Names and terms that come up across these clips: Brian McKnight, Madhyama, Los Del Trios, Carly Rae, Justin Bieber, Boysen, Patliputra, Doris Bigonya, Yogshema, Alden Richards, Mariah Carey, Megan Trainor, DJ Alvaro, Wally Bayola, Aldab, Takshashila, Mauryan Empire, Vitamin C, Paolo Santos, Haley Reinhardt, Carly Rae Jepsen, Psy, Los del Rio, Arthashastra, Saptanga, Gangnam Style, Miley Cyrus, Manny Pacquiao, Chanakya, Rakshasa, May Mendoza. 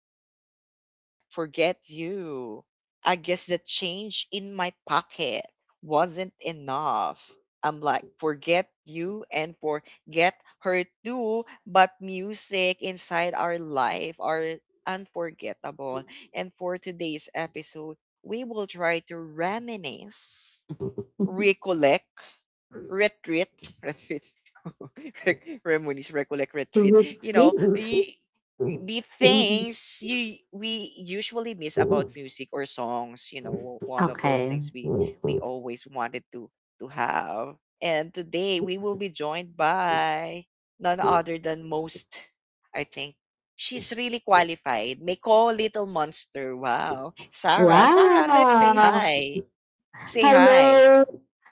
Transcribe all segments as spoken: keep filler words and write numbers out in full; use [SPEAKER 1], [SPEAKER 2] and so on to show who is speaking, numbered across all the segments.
[SPEAKER 1] I love, and I'm like, forget you. I guess the change in my pocket wasn't enough. I'm like, forget you and forget her too. But music inside our life are unforgettable. And for today's episode, we will try to reminisce, recollect, retreat, retreat, Rec- Remonies recollect retreat. You know,
[SPEAKER 2] Retreat.
[SPEAKER 1] y- the things you we usually miss about music or songs. You know, one of those
[SPEAKER 2] Okay.
[SPEAKER 1] things we we always wanted to to have. And today we will be joined by none other than most. I think she's really qualified. Nicole Little Monster. Wow, Sarah, Sarah, let's say
[SPEAKER 2] Wow!
[SPEAKER 1] hi. Say hi.
[SPEAKER 2] Hello,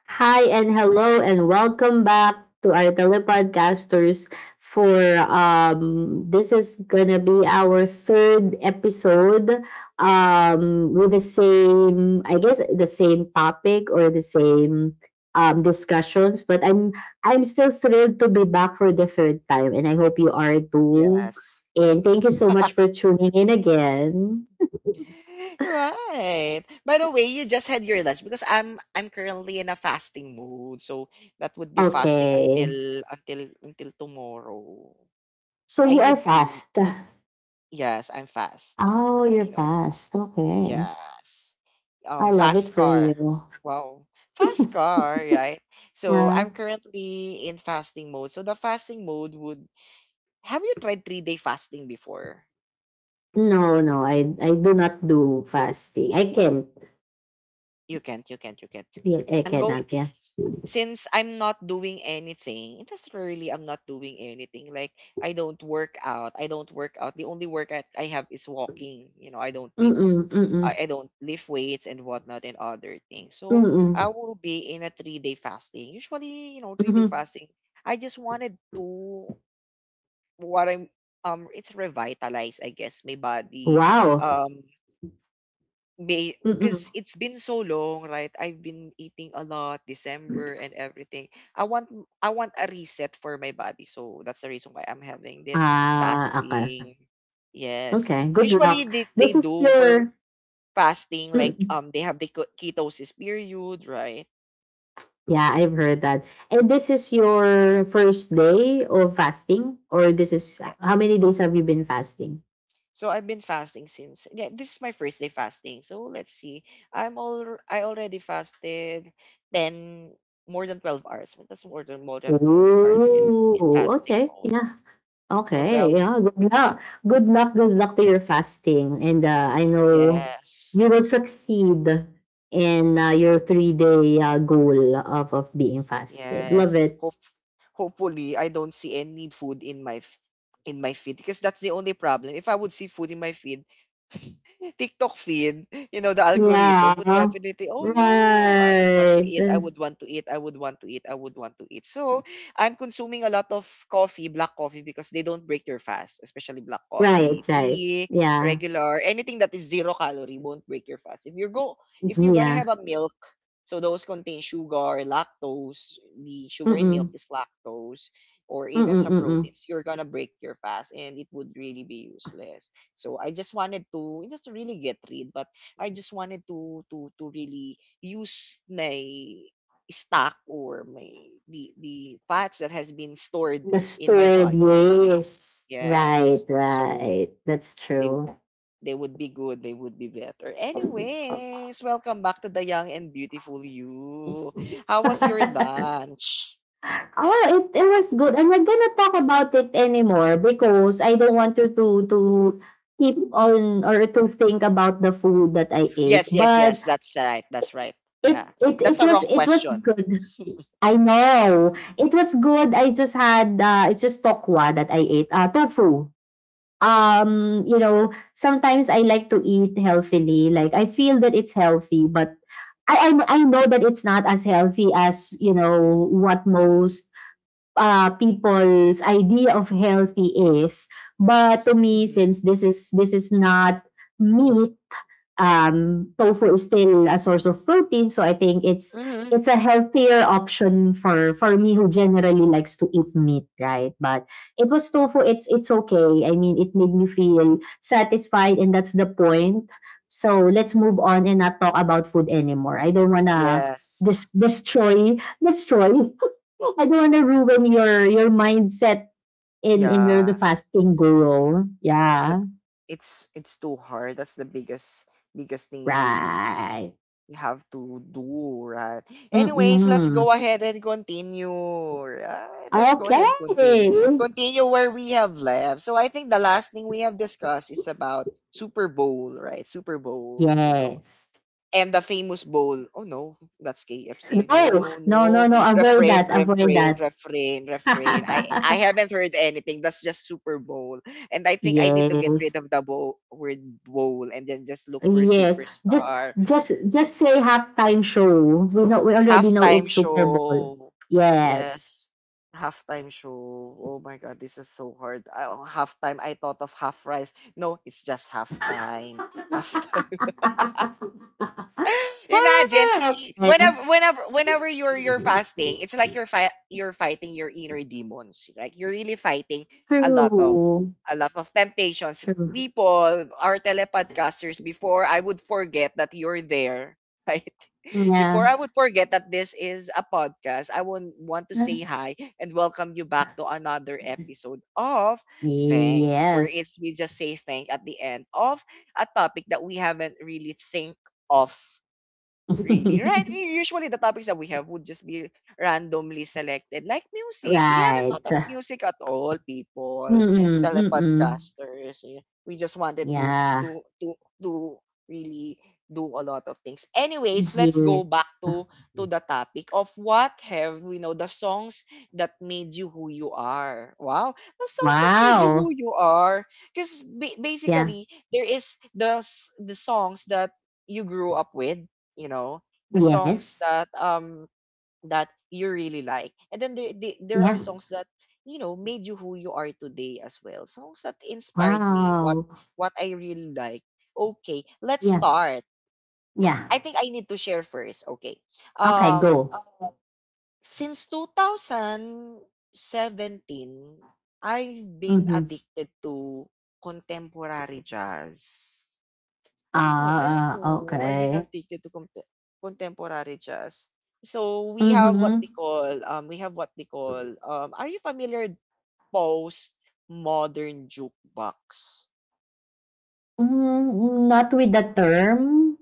[SPEAKER 2] hi, and hello, and welcome back to our telepodcasters. For um, this is gonna be our third episode, um, with the same, I guess, the same topic or the same um, discussions. But I'm I'm still thrilled to be back for the third time, and I hope you are too.
[SPEAKER 1] Yes.
[SPEAKER 2] And thank you so much for tuning in again.
[SPEAKER 1] Right. By the way, you just had your lunch because I'm I'm currently in a fasting mode, so that would be fasting
[SPEAKER 2] Okay,
[SPEAKER 1] until until until tomorrow.
[SPEAKER 2] so
[SPEAKER 1] I
[SPEAKER 2] you are
[SPEAKER 1] need to.
[SPEAKER 2] fast.
[SPEAKER 1] Yes, I'm fast.
[SPEAKER 2] Oh, you're
[SPEAKER 1] You know.
[SPEAKER 2] fast. Okay.
[SPEAKER 1] Yes. Um,
[SPEAKER 2] I love it
[SPEAKER 1] fast
[SPEAKER 2] for
[SPEAKER 1] car.
[SPEAKER 2] you.
[SPEAKER 1] Wow, fast car, right? So
[SPEAKER 2] Uh,
[SPEAKER 1] I'm currently in fasting mode. So the fasting mode would. Have you tried three day fasting before?
[SPEAKER 2] no, no, I I do not do fasting. I can't.
[SPEAKER 1] You can't. You can't. You can't.
[SPEAKER 2] Yeah, I
[SPEAKER 1] I'm going.
[SPEAKER 2] cannot, yeah.
[SPEAKER 1] since I'm not doing anything, it doesn't really I'm not doing anything. Like I don't work out. I don't work out. The only workout I have is walking. You know, I don't wait.
[SPEAKER 2] Mm-mm, mm-mm,
[SPEAKER 1] I, I don't lift weights and whatnot and other things. So I
[SPEAKER 2] mm-mm,
[SPEAKER 1] will be in a three day fasting. Usually, you know, three day
[SPEAKER 2] mm-hmm.
[SPEAKER 1] fasting. I just wanted to what I'm um it's revitalize, I guess, my body.
[SPEAKER 2] Wow.
[SPEAKER 1] Um May
[SPEAKER 2] Mm-mm.
[SPEAKER 1] because it's been so long, right? I've been eating a lot, December and everything. I want I want a reset for my body. So that's the reason why I'm having this
[SPEAKER 2] Ah, okay.
[SPEAKER 1] fasting. Yes.
[SPEAKER 2] Okay, good luck.
[SPEAKER 1] Usually they,
[SPEAKER 2] This
[SPEAKER 1] they
[SPEAKER 2] is
[SPEAKER 1] do
[SPEAKER 2] your...
[SPEAKER 1] for fasting like
[SPEAKER 2] Mm-mm.
[SPEAKER 1] um they have the ke- ketosis period, right?
[SPEAKER 2] Yeah, I've heard that. And this is your first day of fasting? Or this is... How many days have you been fasting?
[SPEAKER 1] So I've been fasting since, yeah, this is my first day fasting. So let's see. I'm all I already fasted ten more than twelve hours. Well, that's more than more than twelve hours in in
[SPEAKER 2] Oh,
[SPEAKER 1] fasting
[SPEAKER 2] okay.
[SPEAKER 1] mode.
[SPEAKER 2] Yeah.
[SPEAKER 1] No,
[SPEAKER 2] Okay,
[SPEAKER 1] twelve.
[SPEAKER 2] yeah, good luck. Good luck, good luck to your fasting. And uh, I know
[SPEAKER 1] Yes.
[SPEAKER 2] you will succeed in uh, your three day uh, goal of, of being fasted. Love
[SPEAKER 1] Yes.
[SPEAKER 2] it.
[SPEAKER 1] Hope hopefully I don't see any food in my f- in my feed because that's the only problem. If I would see food in my feed, TikTok feed, you know, the algorithm would
[SPEAKER 2] Yeah.
[SPEAKER 1] definitely, oh no, I would want to eat, I
[SPEAKER 2] Right.
[SPEAKER 1] would want to eat, I would want to eat, I would want to eat. So I'm consuming a lot of coffee, black coffee, because they don't break your fast, especially black coffee,
[SPEAKER 2] Right, right.
[SPEAKER 1] tea,
[SPEAKER 2] Yeah.
[SPEAKER 1] regular, anything that is zero calorie won't break your fast. If you go, if you're gonna
[SPEAKER 2] Yeah.
[SPEAKER 1] have a milk, so those contain sugar, lactose, the sugar in milk
[SPEAKER 2] Mm-mm.
[SPEAKER 1] is lactose, or even
[SPEAKER 2] Mm-mm,
[SPEAKER 1] some
[SPEAKER 2] mm-mm.
[SPEAKER 1] proteins. You're gonna break your fast, and it would really be useless. So I just wanted to just to really get rid, but I just wanted to to to really use my stock or my the the fats that has been stored
[SPEAKER 2] The
[SPEAKER 1] in my
[SPEAKER 2] stored,
[SPEAKER 1] body.
[SPEAKER 2] yes. Right,
[SPEAKER 1] Yes, so
[SPEAKER 2] right. That's
[SPEAKER 1] they
[SPEAKER 2] true.
[SPEAKER 1] they would be good. They would be better. Anyways, welcome back to the young and beautiful you. How was your lunch?
[SPEAKER 2] Oh, it it was good. I'm not gonna talk about it anymore because I don't want you to to keep on or to think about the food that I ate.
[SPEAKER 1] Yes, yes,
[SPEAKER 2] But
[SPEAKER 1] yes. That's right. That's right.
[SPEAKER 2] it
[SPEAKER 1] Yeah.
[SPEAKER 2] it it
[SPEAKER 1] That's a
[SPEAKER 2] was
[SPEAKER 1] wrong
[SPEAKER 2] it was
[SPEAKER 1] question.
[SPEAKER 2] good. I know it was good. I just had uh, it's just tokwa that I ate. Uh, tofu. Um, you know, sometimes I like to eat healthily. Like I feel that it's healthy, but I I, I know that it's not as healthy as you know what most uh, people's idea of healthy is. But to me,
[SPEAKER 1] Hmm.
[SPEAKER 2] since this is this is not me, um, tofu is still a source of protein, so I think it's
[SPEAKER 1] Hmm.
[SPEAKER 2] it's a healthier option for for me who generally likes to eat meat, right? But it was tofu. It's it's okay. I mean, it made me feel satisfied, and that's the point. So let's move on and not talk about food anymore. I don't wanna
[SPEAKER 1] Yes.
[SPEAKER 2] dis- destroy destroy. I don't wanna ruin your your mindset in in your the
[SPEAKER 1] Yeah.
[SPEAKER 2] fasting goal.
[SPEAKER 1] Because it,
[SPEAKER 2] Yeah,
[SPEAKER 1] it's it's too hard. That's the biggest biggest thing you
[SPEAKER 2] right.
[SPEAKER 1] we have to do, right? Anyways, let's
[SPEAKER 2] Mm-mm.
[SPEAKER 1] go ahead and continue. Right? Let's go
[SPEAKER 2] Okay.
[SPEAKER 1] ahead and continue. Continue where we have left. So I think the last thing we have discussed is about Super Bowl, right? Super Bowl, you know.
[SPEAKER 2] Yes.
[SPEAKER 1] And the famous bowl. Oh no, that's K F C. No,
[SPEAKER 2] No,
[SPEAKER 1] no,
[SPEAKER 2] no,
[SPEAKER 1] no.
[SPEAKER 2] no, no. Avoid
[SPEAKER 1] Refrain,
[SPEAKER 2] that. Avoid
[SPEAKER 1] refrain,
[SPEAKER 2] that.
[SPEAKER 1] refrain, refrain. I I haven't heard anything. That's just Super Bowl. And I think I need to get rid
[SPEAKER 2] Yes.
[SPEAKER 1] of the bowl, word bowl and then just look for
[SPEAKER 2] Yes. Just
[SPEAKER 1] superstar
[SPEAKER 2] just just say halftime show. We know we already know
[SPEAKER 1] halftime
[SPEAKER 2] it's Super Bowl.
[SPEAKER 1] show.
[SPEAKER 2] Yes.
[SPEAKER 1] Yes, halftime show. Oh my god, this is so hard. Uh, halftime, I thought of half rice. No, it's just halftime. Halftime. Imagine
[SPEAKER 2] Ah,
[SPEAKER 1] y-
[SPEAKER 2] okay.
[SPEAKER 1] whenever whenever whenever you're you're fasting, it's like you're fi- you're fighting your inner demons. Like you're really fighting a lot of
[SPEAKER 2] True.
[SPEAKER 1] a lot of temptations.
[SPEAKER 2] True.
[SPEAKER 1] People, our telepodcasters, before I would forget that you're there, right? Before
[SPEAKER 2] Yeah.
[SPEAKER 1] I would forget that this is a podcast, I would want to say hi and welcome you back to another episode of Thanks,
[SPEAKER 2] Yes.
[SPEAKER 1] where it's we just say thank at the end of a topic that we haven't really think of. Really, right? U- Usually the topics that we have would just be randomly selected, like music. We haven't thought
[SPEAKER 2] Right.
[SPEAKER 1] of music at all, people,
[SPEAKER 2] Mm-mm, mm-mm.
[SPEAKER 1] telepodcasters. eh. We just wanted to
[SPEAKER 2] Yeah.
[SPEAKER 1] to to to really do a lot of things. Anyways, let's go
[SPEAKER 2] Yes.
[SPEAKER 1] back to to the topic of what have we know the songs that made you who you are. Wow, the songs that made you who
[SPEAKER 2] Wow.
[SPEAKER 1] you are. Because ba-
[SPEAKER 2] Yeah.
[SPEAKER 1] basically there is the s- the songs that you grew up with, you know, the songs
[SPEAKER 2] Yes.
[SPEAKER 1] that um that you really like, and then there, the- there are
[SPEAKER 2] Yeah.
[SPEAKER 1] songs that, you know, made you who you are today, as well songs that inspired me, what
[SPEAKER 2] Wow.
[SPEAKER 1] what I really like. Okay, let's
[SPEAKER 2] Yeah.
[SPEAKER 1] start.
[SPEAKER 2] Yeah.
[SPEAKER 1] I think I need to share first. Okay.
[SPEAKER 2] Okay,
[SPEAKER 1] um
[SPEAKER 2] go.
[SPEAKER 1] since twenty seventeen I've been
[SPEAKER 2] Mm-hmm.
[SPEAKER 1] addicted to contemporary jazz. I don't know. I don't
[SPEAKER 2] Ah, ah,
[SPEAKER 1] know. I've been
[SPEAKER 2] okay.
[SPEAKER 1] updated to comp- contemporary jazz. So we have what
[SPEAKER 2] Mm-hmm.
[SPEAKER 1] they call um we have what they call, um are you familiar post modern jukebox?
[SPEAKER 2] Mm, not with the term.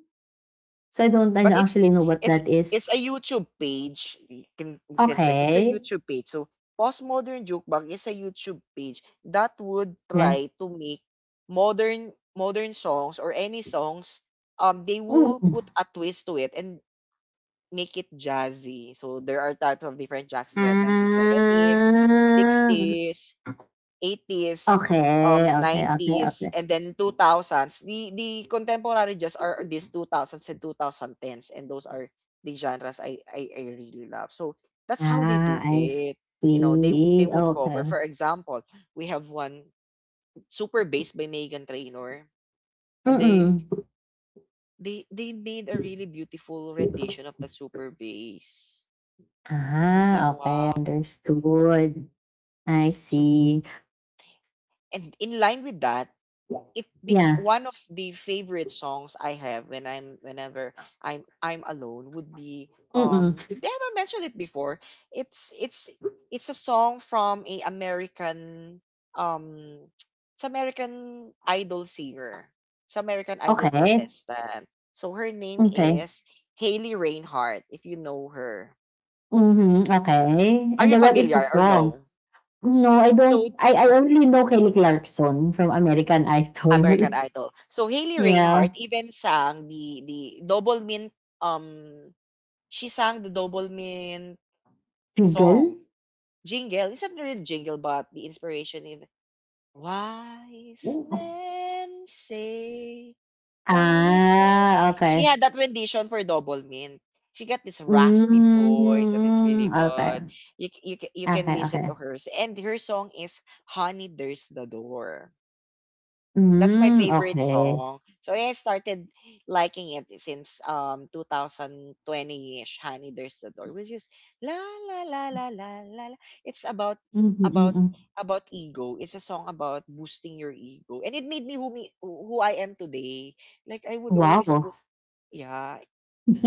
[SPEAKER 2] So I don't, I don't
[SPEAKER 1] But it's
[SPEAKER 2] actually know what
[SPEAKER 1] it's
[SPEAKER 2] that
[SPEAKER 1] it's
[SPEAKER 2] is.
[SPEAKER 1] a YouTube page. You can We can check. It's a
[SPEAKER 2] Okay.
[SPEAKER 1] YouTube page. So postmodern jukebox is a YouTube page that would
[SPEAKER 2] Yeah.
[SPEAKER 1] try to make modern modern songs or any songs um they will
[SPEAKER 2] Mm-hmm.
[SPEAKER 1] put a twist to it and make it jazzy. So there are types of different jazzes. We have nineteen seventies,
[SPEAKER 2] Ah,
[SPEAKER 1] sixties, eighties,
[SPEAKER 2] okay,
[SPEAKER 1] um,
[SPEAKER 2] okay, okay,
[SPEAKER 1] nineties,
[SPEAKER 2] okay.
[SPEAKER 1] and then two thousands. The the contemporary jazz are these two thousands and twenty tens, and those are the genres I, I I really love. So that's how they do
[SPEAKER 2] Ah, I
[SPEAKER 1] it. You know, they they
[SPEAKER 2] see.
[SPEAKER 1] would cover.
[SPEAKER 2] Okay.
[SPEAKER 1] For example, we have one super bass by Megan Trainor, and they
[SPEAKER 2] Mm-mm.
[SPEAKER 1] they they made a really beautiful rendition of the super bass. I was like,
[SPEAKER 2] Ah, okay,
[SPEAKER 1] wow.
[SPEAKER 2] understood. I
[SPEAKER 1] So,
[SPEAKER 2] see.
[SPEAKER 1] and in line with that, it be
[SPEAKER 2] Yeah.
[SPEAKER 1] one of the favorite songs I have when I'm whenever I'm I'm alone would be
[SPEAKER 2] Mm-mm.
[SPEAKER 1] um they haven't mentioned it before. It's it's it's a song from a American um it's American Idol singer. It's American Idol
[SPEAKER 2] Okay.
[SPEAKER 1] contestant. So her name
[SPEAKER 2] Okay.
[SPEAKER 1] is Haley Reinhardt, if you know her.
[SPEAKER 2] Mm-hmm. Okay.
[SPEAKER 1] Are
[SPEAKER 2] And
[SPEAKER 1] you
[SPEAKER 2] the then is the
[SPEAKER 1] familiar or
[SPEAKER 2] song?
[SPEAKER 1] no?
[SPEAKER 2] No,
[SPEAKER 1] S-
[SPEAKER 2] I
[SPEAKER 1] So
[SPEAKER 2] don't. I, I only know Kelly Clarkson from American Idol.
[SPEAKER 1] American Idol. So Hailey
[SPEAKER 2] Yeah.
[SPEAKER 1] Reinhardt even sang the the Double Mint, um she sang the Double Mint
[SPEAKER 2] Jiggle?
[SPEAKER 1] song jingle. It's not really jingle but the inspiration in Wise men say only fools.
[SPEAKER 2] Ah,
[SPEAKER 1] She
[SPEAKER 2] okay.
[SPEAKER 1] had that rendition for Double Mint. She got this raspy voice that is
[SPEAKER 2] Mm,
[SPEAKER 1] really good.
[SPEAKER 2] okay.
[SPEAKER 1] You c- you can you can
[SPEAKER 2] Okay,
[SPEAKER 1] listen
[SPEAKER 2] okay.
[SPEAKER 1] to hers and her song is Honey There's the Door. That's my
[SPEAKER 2] Mm,
[SPEAKER 1] favorite
[SPEAKER 2] okay.
[SPEAKER 1] song. So I started liking it since um two thousand twenty-ish, Honey There's the Door, which is la la la la la la la. It's about
[SPEAKER 2] Mm-hmm,
[SPEAKER 1] about
[SPEAKER 2] mm-hmm.
[SPEAKER 1] about ego. It's a song about boosting your ego. And it made me who me who I am today. Like I would always
[SPEAKER 2] Wow.
[SPEAKER 1] put, yeah.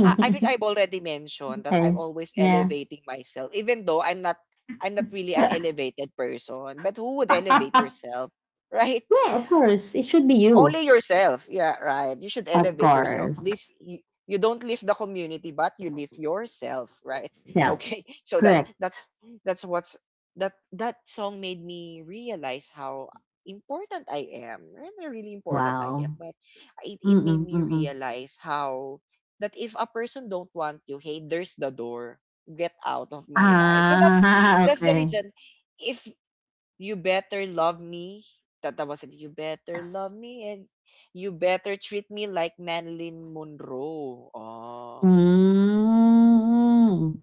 [SPEAKER 1] I I think I've already mentioned that I'm
[SPEAKER 2] Okay.
[SPEAKER 1] always
[SPEAKER 2] Yeah.
[SPEAKER 1] elevating myself, even though I'm not I'm not really an elevated person. But who would elevate
[SPEAKER 2] Yeah,
[SPEAKER 1] yourself? Right?
[SPEAKER 2] of course. It should be you.
[SPEAKER 1] Only yourself. Yeah, right. You should
[SPEAKER 2] Of
[SPEAKER 1] elevate yourself. Live
[SPEAKER 2] course.
[SPEAKER 1] you, you don't live the community, but you live yourself, right?
[SPEAKER 2] Yeah,
[SPEAKER 1] Okay. So that's
[SPEAKER 2] correct.
[SPEAKER 1] that's that's what's that that song made me realize how important I am. Really, really important I am.
[SPEAKER 2] Wow.
[SPEAKER 1] But it, it made
[SPEAKER 2] Mm-mm,
[SPEAKER 1] me
[SPEAKER 2] mm-mm.
[SPEAKER 1] realize how that if a person don't want you, hey, there's the door. Get out of my life. So that's
[SPEAKER 2] Ah,
[SPEAKER 1] that's the
[SPEAKER 2] okay.
[SPEAKER 1] reason. If you Better Love Me. That, that was it. You Better Love Me and You Better Treat Me Like Marilyn Monroe. Oh.
[SPEAKER 2] Mm,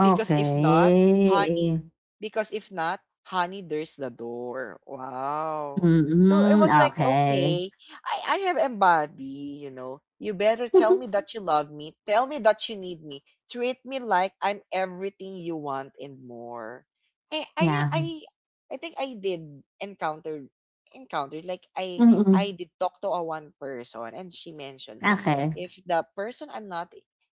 [SPEAKER 1] Because if not, honey, because if not, honey, there's the door. Wow. So it
[SPEAKER 2] Mm-mm,
[SPEAKER 1] was like,
[SPEAKER 2] okay.
[SPEAKER 1] okay, I, I have embody, you know. You better tell me that you love me. Tell me that you need me. Treat me like I'm everything you want and more. I I
[SPEAKER 2] Yeah.
[SPEAKER 1] I, I think I did encounter encountered like I
[SPEAKER 2] Mm-mm,
[SPEAKER 1] I did talk to a one person and she mentioned if
[SPEAKER 2] okay.
[SPEAKER 1] if the person I'm not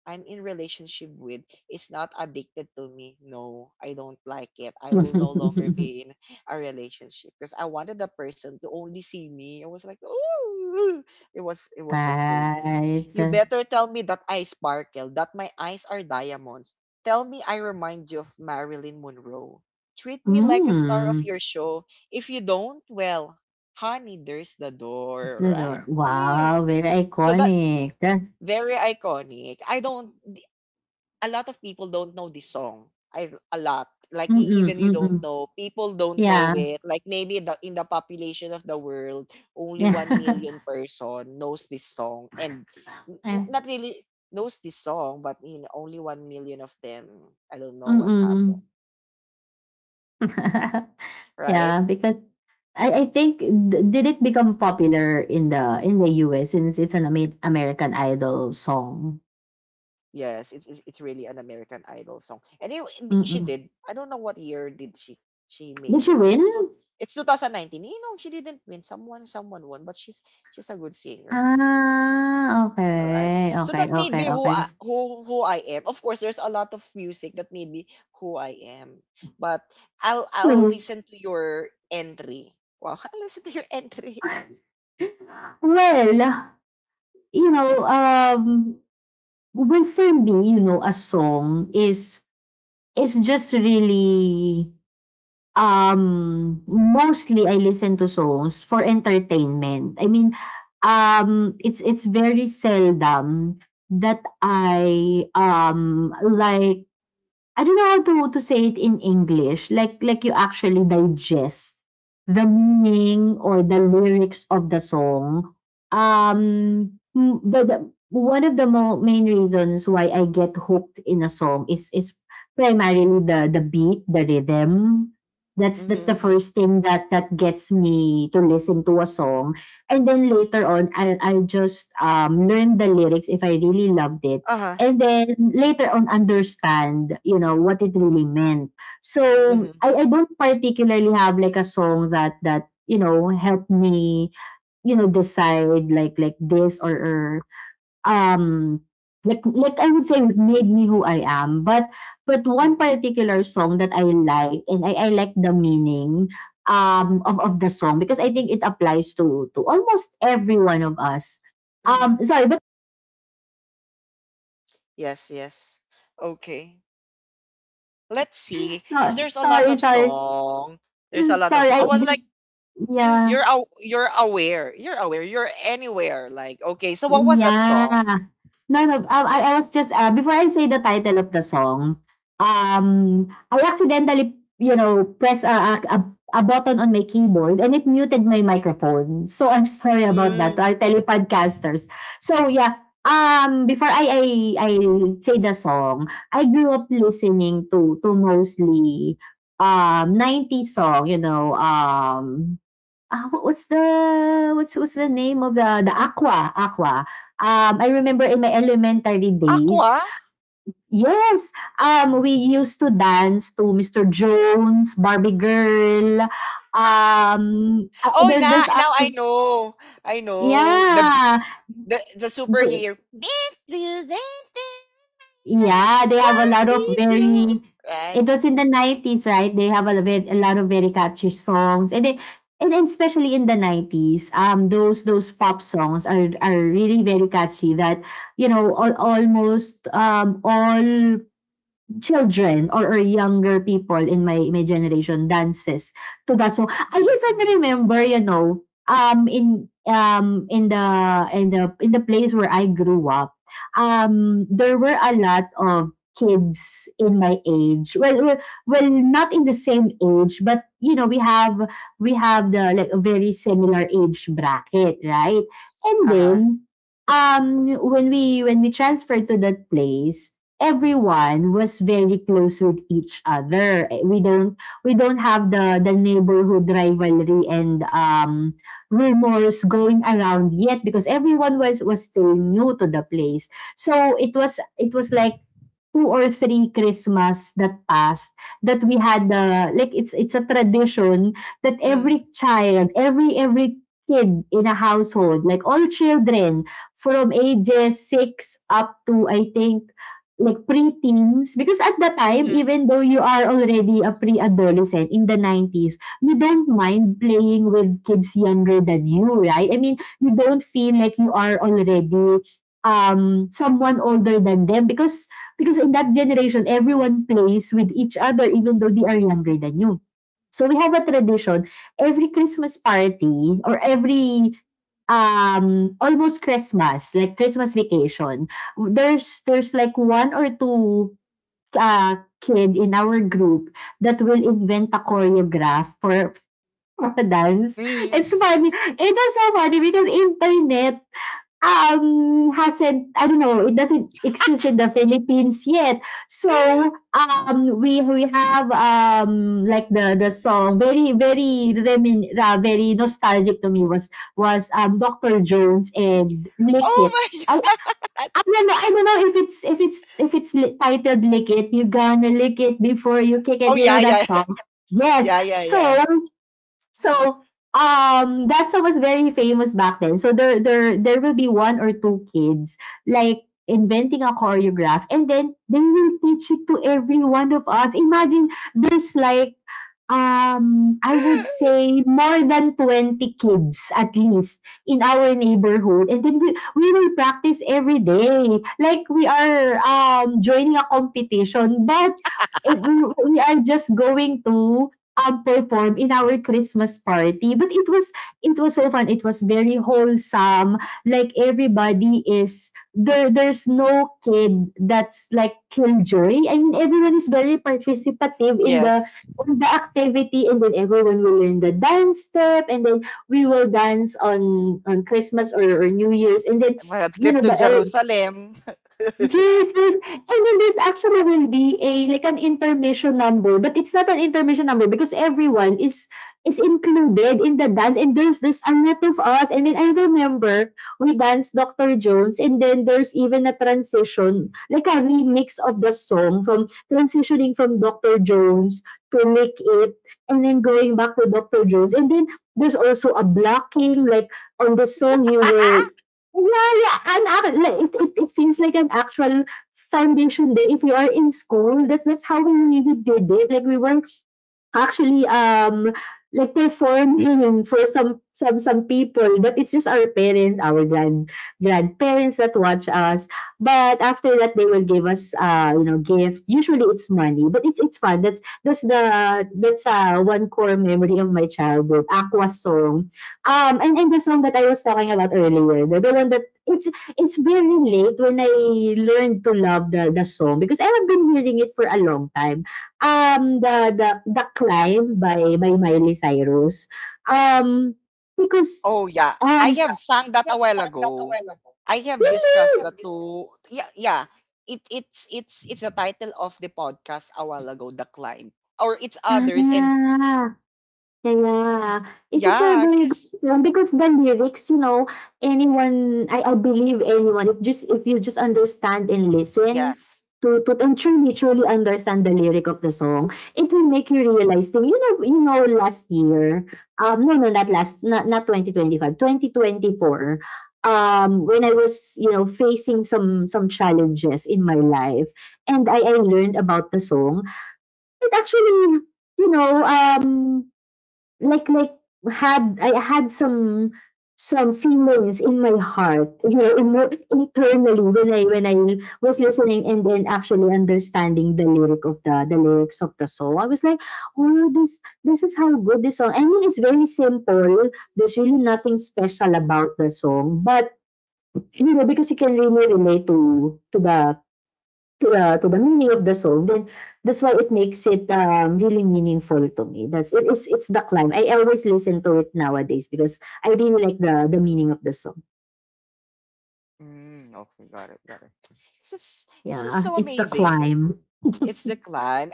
[SPEAKER 1] I'm in relationship with is not addicted to me. No, I don't like it. I will no longer be in a relationship because I wanted the person to only see me. I was like, oh, it was it was just so me. You
[SPEAKER 2] Right.
[SPEAKER 1] better tell me that I sparkle, that my eyes are diamonds. Tell me I remind you of Marilyn Monroe. Treat me like a star of
[SPEAKER 2] Mm,
[SPEAKER 1] your show. If you don't, well, honey, there's the door,
[SPEAKER 2] the
[SPEAKER 1] right?
[SPEAKER 2] door.
[SPEAKER 1] Mm.
[SPEAKER 2] Wow, very
[SPEAKER 1] So that
[SPEAKER 2] iconic. Mm-mm,
[SPEAKER 1] very iconic. I don't a lot of people don't know this song. I a lot. Like e- even you don't
[SPEAKER 2] mm-mm.
[SPEAKER 1] know, people don't know
[SPEAKER 2] Yeah.
[SPEAKER 1] it. Like maybe the in the population of the world, only one
[SPEAKER 2] Yeah.
[SPEAKER 1] million person knows this song and n-
[SPEAKER 2] Ah,
[SPEAKER 1] n- not really knows this song, but you know, only one million of them. I don't know what happened,
[SPEAKER 2] mm.
[SPEAKER 1] right?
[SPEAKER 2] Yeah, because I I think di did it become popular in the in the U S since it's an Ame American Idol song?
[SPEAKER 1] Yes, it's it's, it's really an American Idol song. And it, it- she
[SPEAKER 2] Mm.
[SPEAKER 1] did. I don't know what year did she she
[SPEAKER 2] Did
[SPEAKER 1] made
[SPEAKER 2] she
[SPEAKER 1] it. It's two,
[SPEAKER 2] win?
[SPEAKER 1] it's two thousand nineteen. You know, she didn't win. Someone someone won, but she's she's a good singer.
[SPEAKER 2] Ah,
[SPEAKER 1] Alright.
[SPEAKER 2] okay,
[SPEAKER 1] So
[SPEAKER 2] okay,
[SPEAKER 1] that made
[SPEAKER 2] okay,
[SPEAKER 1] me who
[SPEAKER 2] okay.
[SPEAKER 1] I, who who I am. Of course, there's a lot of music that made me who I am. But I'll I'll
[SPEAKER 2] Hmm,
[SPEAKER 1] listen to your entry. Wow, I'll listen to your entry.
[SPEAKER 2] well, you know, um, well, for me, you know, a song is is just really... Um, mostly I listen to songs for entertainment. I mean, um, it's it's very seldom that I, um, like I don't know how to to say it in English.
[SPEAKER 1] Mhm.
[SPEAKER 2] Like like you actually digest the meaning or the lyrics of the song. Um, m- the, the one of the mo- main reasons why I get hooked in a song is is primarily the the beat, the rhythm. That's that's
[SPEAKER 1] Mm-hmm.
[SPEAKER 2] the
[SPEAKER 1] Hmm.
[SPEAKER 2] first thing that that gets me to listen to a song, and then later on, I'll I'll just um learn the lyrics if I really loved it,
[SPEAKER 1] Uh-huh.
[SPEAKER 2] and then later on understand, you know, what it really meant. So
[SPEAKER 1] Hmm.
[SPEAKER 2] I, I don't particularly have like a song that that you know helped me, you know, decide like like this, or, or um like like I would say made me who I am, but but one
[SPEAKER 1] Hmm.
[SPEAKER 2] particular song that I like, and i, I like the meaning um of, of the song because I think it applies to to almost every one of us. Um
[SPEAKER 1] Hmm.
[SPEAKER 2] sorry, but
[SPEAKER 1] Yes, yes. Okay. Let's see. Because
[SPEAKER 2] so,
[SPEAKER 1] there's a lot
[SPEAKER 2] sorry
[SPEAKER 1] of
[SPEAKER 2] sorry.
[SPEAKER 1] song. There's a
[SPEAKER 2] Mm,
[SPEAKER 1] lot of
[SPEAKER 2] sorry,
[SPEAKER 1] song.
[SPEAKER 2] I
[SPEAKER 1] I was like,
[SPEAKER 2] didn't, yeah,
[SPEAKER 1] You're aw- you're aware. You're aware. You're anywhere. Like, okay, so what was that song?
[SPEAKER 2] yeah. No, no, um, I I was just, uh, before I say the title of the song, um, I accidentally, you know, press a a a a button on my keyboard and it muted my microphone. So, I'm sorry about that to
[SPEAKER 1] Mm.
[SPEAKER 2] our tele-podcasters. So, yeah, um, before I I I say the song, I grew up listening to to mostly, um, ninety song, you know, um Ah, wha- what's the what's what's the name of the the aqua, aqua. Um, I remember in my elementary days,
[SPEAKER 1] Aqua?
[SPEAKER 2] yes, um, we used to dance to Mister Jones, Barbie Girl, um, ah,
[SPEAKER 1] Oh,
[SPEAKER 2] there's there's
[SPEAKER 1] na now I
[SPEAKER 2] other,
[SPEAKER 1] know. I know. The
[SPEAKER 2] yeah.
[SPEAKER 1] the the superhero. This is it,
[SPEAKER 2] Yeah, they have a
[SPEAKER 1] what
[SPEAKER 2] lot of
[SPEAKER 1] we do,
[SPEAKER 2] very... It
[SPEAKER 1] right?
[SPEAKER 2] was in the nineties, right? They have a, ve- a lot of very catchy songs, and then and then especially in the nineties, um, those those pop songs are are really very catchy. That you know, all, almost um all children or, or younger people in my my generation dances to that song. I
[SPEAKER 1] Hmm. Hmm.
[SPEAKER 2] even remember, you know, um in um in the in the in the place where I grew up, um there were a lot of kids in my age. Well, well, well not in the same age, but you know, we have we have the like a very similar age bracket, right? And then
[SPEAKER 1] Uh-huh.
[SPEAKER 2] um when we when we transferred to that place, everyone was very close with each other. Eh, We don't we don't have the the neighborhood rivalry and um rumors going around yet because everyone was was still new to the place. So it was it was like two or three Christmas that passed, that we had the like it's it's a tradition that
[SPEAKER 1] Mm-hmm.
[SPEAKER 2] every child, every every kid in a household, like all children from ages six up to I think like preteens, because at the time,
[SPEAKER 1] Hmm.
[SPEAKER 2] even though you are already a pre-adolescent in the nineties, you don't mind playing with kids younger than you, right? I mean, you don't feel like you are already um someone older than them because... Because in that generation, everyone plays with each other even though they are younger than you. So we have a tradition, every Christmas party or every um almost Christmas, like Christmas vacation, there's there's like one or two uh kid in our group that will invent a choreograph for, for a dance. It's
[SPEAKER 1] Hmm.
[SPEAKER 2] funny. It is so funny because internet um, hasn't, I don't know, it doesn't exist in the Philippines yet. So, um, we we have um, like the the song very very remin, uh, very nostalgic to me was was um, Doctor Jones and Lick It.
[SPEAKER 1] Oh my
[SPEAKER 2] I,
[SPEAKER 1] god.
[SPEAKER 2] I don't know. I don't know if it's if it's if it's li- titled "Lick It." You gonna lick it before you kick it.
[SPEAKER 1] Oh
[SPEAKER 2] You know
[SPEAKER 1] yeah,
[SPEAKER 2] that
[SPEAKER 1] yeah.
[SPEAKER 2] song. Yes.
[SPEAKER 1] Yeah, yeah,
[SPEAKER 2] So
[SPEAKER 1] yeah.
[SPEAKER 2] So, um, that's what was very famous back then. So there, there, there will be one or two kids like inventing a choreograph, and then they will teach it to every one of us. Imagine there's like... Um, I would say more than twenty kids at least in our neighborhood, and then we we will practice every day. Like we are, um, joining a competition, but it we we are just going to, um, perform in our Christmas party. But it was it was so fun, it was very wholesome, like everybody is there, there's no kid that's like killjoy. I mean everyone is very participative in the
[SPEAKER 1] Yes.
[SPEAKER 2] on the activity, and then everyone will learn the dance step, and then we will dance on on Christmas or, or New Year's, and then
[SPEAKER 1] Well,
[SPEAKER 2] you
[SPEAKER 1] trip
[SPEAKER 2] know
[SPEAKER 1] to
[SPEAKER 2] the el-
[SPEAKER 1] Jerusalem.
[SPEAKER 2] Yes, yes. And then there's actually will be a like an intermission number, but it's not an intermission number because everyone is is included in the dance, and there's there's a lot of us, and then I remember we danced Doctor Jones, and then there's even a transition, like a remix of the song from transitioning from Doctor Jones to Lick It, and then going back to Doctor Jones, and then there's also a blocking like on the song, you were yeah, yeah, and uh, it, it, it feels like an actual foundation day if you are in school. That's, that's how we really did it. Like we were Actually, um, like performing for some some some people, but it's just our parents, our grand grandparents that watch us. But after that, they will give us, uh, you know, gift. Usually, it's money, but it's it's fun. That's that's the that's uh, one core memory of my childhood. Aqua song, um, and and the song that I was talking about earlier, the, the one that it's it's very late when I learned to love the the song because I have been hearing it for a long time. Um, the the the Climb by by Miley Cyrus. Um, because,
[SPEAKER 1] Oh yeah, I
[SPEAKER 2] um,
[SPEAKER 1] have sang that a while ago. I have discussed the
[SPEAKER 2] Really?
[SPEAKER 1] two. Yeah, yeah. It it's it's it's the title of the podcast a while ago. The climb or it's others and
[SPEAKER 2] Ah. Yeah, yeah.
[SPEAKER 1] y-
[SPEAKER 2] It is a
[SPEAKER 1] yeah,
[SPEAKER 2] very good
[SPEAKER 1] cause
[SPEAKER 2] one because the lyrics, you know, anyone, I, I believe anyone, if just if you just understand and listen
[SPEAKER 1] yes.
[SPEAKER 2] to to and truly truly understand the lyric of the song, it will make you realize things. You know, you know, last year, um, no, no, not last, not not twenty twenty five, twenty twenty four. Um, when I was, you know, facing some some challenges in my life, and I I learned about the song, it actually, you know, um like like had I had some some feelings in my heart, you know, emo- internally when I when I was listening and then actually understanding the lyric of the the lyrics of the song. I was like, oh, this this is how good this song. I mean, it's very simple. There's really nothing special about the song, but you know, because you can really relate to to the To, uh, to the meaning of the song, then that's why it makes it, um, really meaningful to me. That's it is it's the climb. I always listen to it nowadays because I really like the the meaning of the song.
[SPEAKER 1] Mm, okay, got it, got it. This is this is
[SPEAKER 2] Yeah,
[SPEAKER 1] so
[SPEAKER 2] it's the
[SPEAKER 1] amazing.
[SPEAKER 2] climb.
[SPEAKER 1] It's the climb.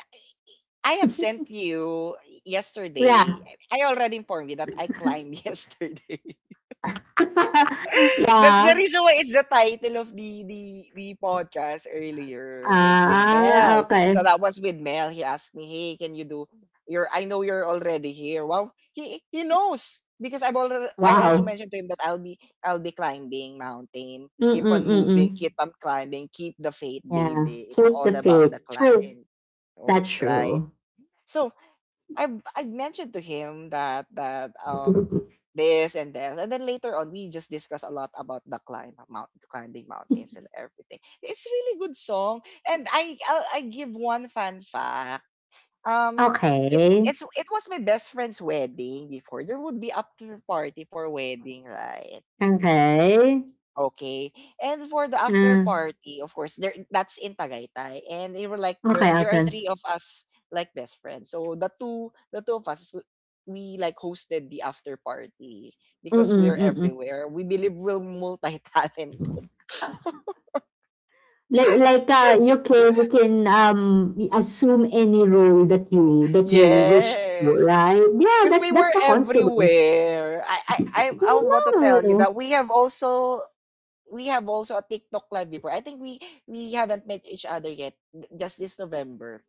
[SPEAKER 1] I have sent you
[SPEAKER 2] Yeah.
[SPEAKER 1] yesterday. I already informed you that I climbed yesterday. That's the
[SPEAKER 2] Yeah.
[SPEAKER 1] reason why it's the title of the the the podcast earlier with with
[SPEAKER 2] Ah,
[SPEAKER 1] Mel.
[SPEAKER 2] okay.
[SPEAKER 1] So that was with Mel. He asked me, "Hey, can you do your? I know you're already here." Wow, he he knows because I've already I also
[SPEAKER 2] Wow.
[SPEAKER 1] mentioned to him that I'll be I'll be climbing mountain. Keep
[SPEAKER 2] Mm-mm,
[SPEAKER 1] on
[SPEAKER 2] mm-mm.
[SPEAKER 1] moving. Keep on climbing. Keep the faith,
[SPEAKER 2] Yeah.
[SPEAKER 1] baby. It's
[SPEAKER 2] Keep
[SPEAKER 1] all
[SPEAKER 2] the
[SPEAKER 1] about the
[SPEAKER 2] faith. True.
[SPEAKER 1] climb. Oh,
[SPEAKER 2] That's
[SPEAKER 1] right.
[SPEAKER 2] true.
[SPEAKER 1] So I've I've mentioned to him that that um this and this, and then later on we just discuss a lot about the climb mount climbing mountains and everything. It's really good song, and I I'll, I give one fun fact. Um, it
[SPEAKER 2] Okay.
[SPEAKER 1] it's it was my best friend's wedding before. There would be after party for wedding, right?
[SPEAKER 2] Okay.
[SPEAKER 1] Okay. And for the after
[SPEAKER 2] Mm.
[SPEAKER 1] party, of course, there that's in Tagaytay. And they were like there
[SPEAKER 2] Okay,
[SPEAKER 1] there are
[SPEAKER 2] okay.
[SPEAKER 1] three of us like best friends. So the two the two of us we like hosted the after party because
[SPEAKER 2] Mm-mm,
[SPEAKER 1] we're
[SPEAKER 2] mm-mm.
[SPEAKER 1] everywhere. We believe we're multi-talented.
[SPEAKER 2] Like like, uh, you can you can, um, assume any role that you that you wish for,
[SPEAKER 1] Yes.
[SPEAKER 2] right? Yeah,
[SPEAKER 1] Because
[SPEAKER 2] that's
[SPEAKER 1] we
[SPEAKER 2] that's
[SPEAKER 1] were
[SPEAKER 2] the confidence.
[SPEAKER 1] everywhere. I, I, I, I want to
[SPEAKER 2] Oh,
[SPEAKER 1] tell you
[SPEAKER 2] no.
[SPEAKER 1] that we have also we have also a TikTok live before. I think we we haven't met each other yet. th- Just this November.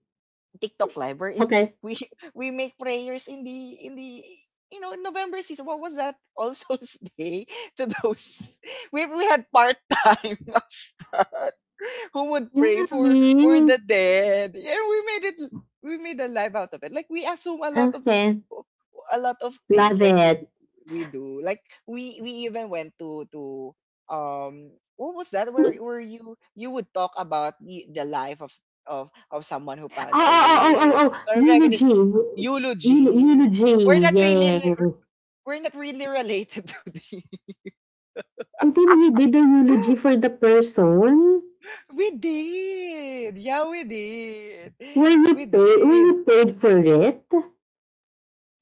[SPEAKER 1] TikTok live wherein
[SPEAKER 2] Okay.
[SPEAKER 1] we we make prayers in the in the you know in November season. What was that? All Souls Day to those we we had part time. Who would pray for for
[SPEAKER 2] Really?
[SPEAKER 1] the dead, yeah, we made it, we made a life out of it, like we assume a lot of
[SPEAKER 2] Okay,
[SPEAKER 1] a lot of things,
[SPEAKER 2] love
[SPEAKER 1] like we do
[SPEAKER 2] it.
[SPEAKER 1] we do like we we even went to to um what was that where
[SPEAKER 2] Oh,
[SPEAKER 1] where you you would talk about the, the life of of of someone who passed
[SPEAKER 2] oh, oh, oh, oh,
[SPEAKER 1] away
[SPEAKER 2] oh,
[SPEAKER 1] or reminisce.
[SPEAKER 2] eulogy. Eu
[SPEAKER 1] Eulogy.
[SPEAKER 2] eulogy,
[SPEAKER 1] We're not really
[SPEAKER 2] yes.
[SPEAKER 1] we're not really related to the
[SPEAKER 2] And then you did the eulogy for the person?
[SPEAKER 1] we did. Yeah, we did.
[SPEAKER 2] Were you
[SPEAKER 1] We
[SPEAKER 2] paid were
[SPEAKER 1] did.
[SPEAKER 2] you paid for it?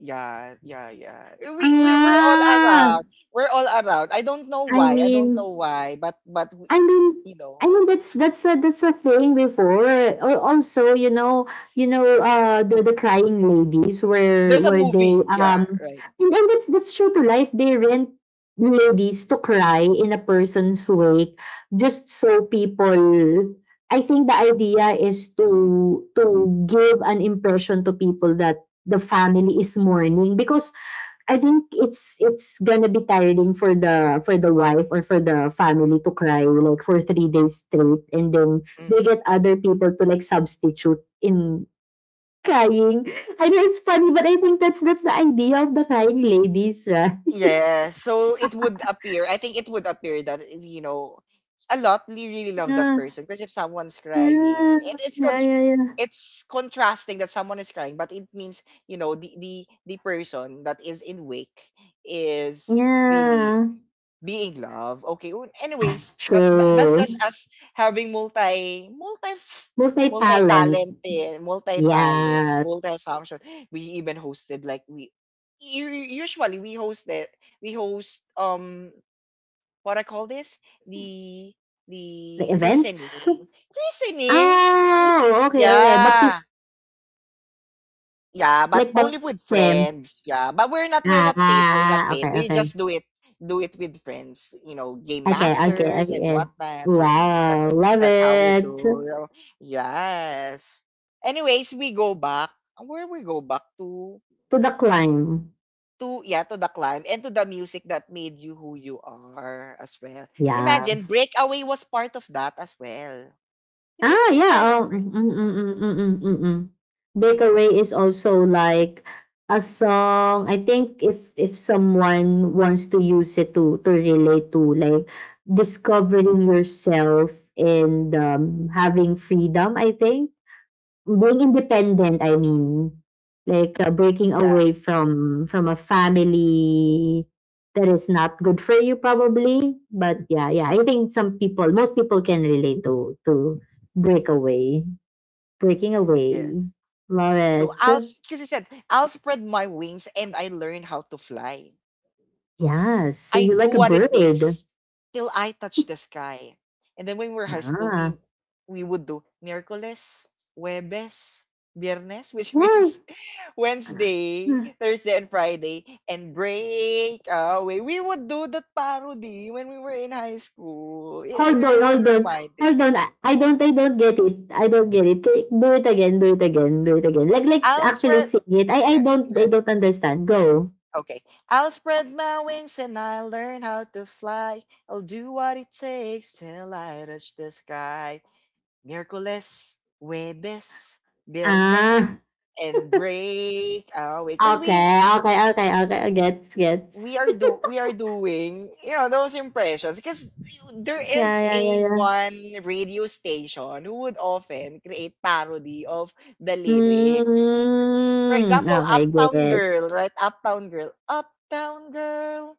[SPEAKER 1] Yeah, yeah, yeah. We we we're all around.
[SPEAKER 2] Ah,
[SPEAKER 1] We're all around. I don't know
[SPEAKER 2] I
[SPEAKER 1] why. I don't
[SPEAKER 2] mean,
[SPEAKER 1] know why, but but we-
[SPEAKER 2] I mean
[SPEAKER 1] you know,
[SPEAKER 2] I mean that's that's a that's a thing before. Or also, you know, you know, uh the, the crying ladies where
[SPEAKER 1] there's a
[SPEAKER 2] where they
[SPEAKER 1] movie. Yeah,
[SPEAKER 2] um
[SPEAKER 1] right.
[SPEAKER 2] and, and that's that's true to life. They rent ladies to cry in a person's wake just so people, I think the idea is to to give an impression to people that the family is mourning because I think it's it's gonna be tiring for the for the wife or for the family to cry like for three days straight, and then they
[SPEAKER 1] Mm.
[SPEAKER 2] get other people to like substitute in crying. I know it's funny, but I think that's that's the idea of the crying ladies, right?
[SPEAKER 1] Yeah, so it would appear. I think it would appear that you know, a lot really, really love that
[SPEAKER 2] Yeah,
[SPEAKER 1] person because if someone's crying,
[SPEAKER 2] yeah,
[SPEAKER 1] it, it's con-
[SPEAKER 2] yeah, yeah, yeah.
[SPEAKER 1] it's contrasting that someone is crying, but it means you know the the the person that is in wake is really
[SPEAKER 2] Yeah.
[SPEAKER 1] being love. Okay. Well, anyways, that, that, that's just
[SPEAKER 2] True.
[SPEAKER 1] us having multi multi multi
[SPEAKER 2] Multi-talent.
[SPEAKER 1] talented, multi talent,
[SPEAKER 2] Yeah.
[SPEAKER 1] multi assumption. We even hosted like we u- u- usually we hosted, we host um what I call this the
[SPEAKER 2] The
[SPEAKER 1] the
[SPEAKER 2] events.
[SPEAKER 1] christening christening. Christen-
[SPEAKER 2] Oh, okay, okay. Bapti-
[SPEAKER 1] yeah, yeah, but
[SPEAKER 2] like
[SPEAKER 1] only with
[SPEAKER 2] baptism.
[SPEAKER 1] friends. Yeah, but we're not we're not paid. We're not
[SPEAKER 2] Ah,
[SPEAKER 1] paid.
[SPEAKER 2] okay,
[SPEAKER 1] We
[SPEAKER 2] okay.
[SPEAKER 1] just do it do it with friends. You know, game
[SPEAKER 2] Okay, okay,
[SPEAKER 1] masters and
[SPEAKER 2] okay.
[SPEAKER 1] whatnot. So that's
[SPEAKER 2] Wow, love
[SPEAKER 1] that's how we
[SPEAKER 2] it.
[SPEAKER 1] do, you know. Yes. Anyways, we go back. Where We go back to
[SPEAKER 2] To the climb.
[SPEAKER 1] to yeah to the climb and to the music that made you who you are as well.
[SPEAKER 2] Yeah.
[SPEAKER 1] Imagine Breakaway was part of that as well. You know what
[SPEAKER 2] Ah,
[SPEAKER 1] that's
[SPEAKER 2] yeah. Oh,
[SPEAKER 1] inspiring, right?
[SPEAKER 2] mm, mm, mm, mm, mm, mm, mm, mm. Break is also like a song. I think if if someone wants to use it to to relate to like discovering yourself and um, having freedom, I think being independent, I mean, like uh, breaking
[SPEAKER 1] Yeah.
[SPEAKER 2] away from from a family that is not good for you, probably. But yeah yeah, I think some people, most people can relate to to break away, breaking away.
[SPEAKER 1] Yes.
[SPEAKER 2] Love
[SPEAKER 1] So
[SPEAKER 2] it.
[SPEAKER 1] I'll, because you said, I'll spread my wings and I learn how to fly.
[SPEAKER 2] Yes, so
[SPEAKER 1] I
[SPEAKER 2] you
[SPEAKER 1] do
[SPEAKER 2] like a
[SPEAKER 1] what it
[SPEAKER 2] bird.
[SPEAKER 1] takes till I touch the sky. And then when we were high school,
[SPEAKER 2] Yeah,
[SPEAKER 1] we we would do Miraculous, Webes, Viernes, which
[SPEAKER 2] well.
[SPEAKER 1] means Wednesday, Thursday, and Friday, and break away. We would do that parody when we were in high school. It, it
[SPEAKER 2] Hold on,
[SPEAKER 1] really
[SPEAKER 2] hold on.
[SPEAKER 1] reminded
[SPEAKER 2] Hold on.
[SPEAKER 1] me.
[SPEAKER 2] I I don't I don't get it. I don't get it. Can- Do it again. Do it again. Do it again. Like, let's
[SPEAKER 1] I'll
[SPEAKER 2] actually
[SPEAKER 1] spread.
[SPEAKER 2] sing it. I I
[SPEAKER 1] Yeah,
[SPEAKER 2] don't
[SPEAKER 1] yeah.
[SPEAKER 2] I don't understand. Go.
[SPEAKER 1] Okay. I'll spread my wings and I'll learn how to fly. I'll do what it takes till I reach the sky. Miércoles, jueves, viernes,
[SPEAKER 2] Ah.
[SPEAKER 1] and break away. Because we
[SPEAKER 2] Okay. Okay. Okay. Okay. Gets. Gets.
[SPEAKER 1] we are do we are doing you know those impressions because there
[SPEAKER 2] Yeah.
[SPEAKER 1] is
[SPEAKER 2] Yeah. Yeah.
[SPEAKER 1] a
[SPEAKER 2] Yeah.
[SPEAKER 1] one radio station who would often create parody of the lyrics. For
[SPEAKER 2] Mm.
[SPEAKER 1] example,
[SPEAKER 2] Okay.
[SPEAKER 1] Uptown
[SPEAKER 2] Get.
[SPEAKER 1] Girl, right? Uptown Girl, Uptown Girl.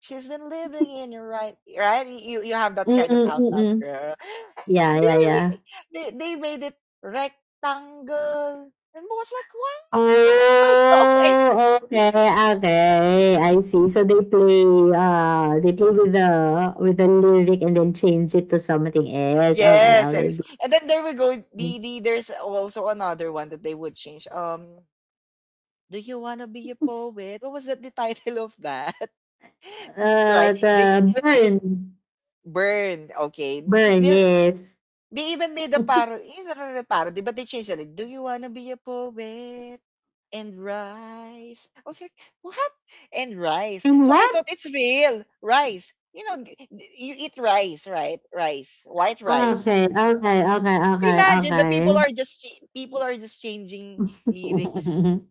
[SPEAKER 1] She's been living in your right, right? You you have that
[SPEAKER 2] Mm.
[SPEAKER 1] kind of
[SPEAKER 2] Mm. Mm.
[SPEAKER 1] outcome,
[SPEAKER 2] Mm.
[SPEAKER 1] girl.
[SPEAKER 2] Yeah.
[SPEAKER 1] They
[SPEAKER 2] Yeah.
[SPEAKER 1] really
[SPEAKER 2] Yeah.
[SPEAKER 1] they, they made it rectangle, and I was like, why is the people going?
[SPEAKER 2] Oh, okay, okay. I see. So they play uh they play with the with the lyric and then change it to something else. Okay,
[SPEAKER 1] Yes, there is.
[SPEAKER 2] okay.
[SPEAKER 1] And then there we go. The, the there's also another one that they would change. Um, do you want to be a poet? What was that the title of that? Right?
[SPEAKER 2] Uh the
[SPEAKER 1] They
[SPEAKER 2] burn.
[SPEAKER 1] burned. Okay.
[SPEAKER 2] Burn,
[SPEAKER 1] They
[SPEAKER 2] yes.
[SPEAKER 1] They even made a parody. It's not really a parody, but they changed it. Like, do you wanna be a poet and rise? I was like, what? And rise.
[SPEAKER 2] And
[SPEAKER 1] So I
[SPEAKER 2] what?
[SPEAKER 1] thought it's real. Rice. You know, g- g- you eat rice, right? Rice, white rice.
[SPEAKER 2] Okay, okay, okay, okay,
[SPEAKER 1] Imagine the people
[SPEAKER 2] okay.
[SPEAKER 1] are just ch- people are just changing lyrics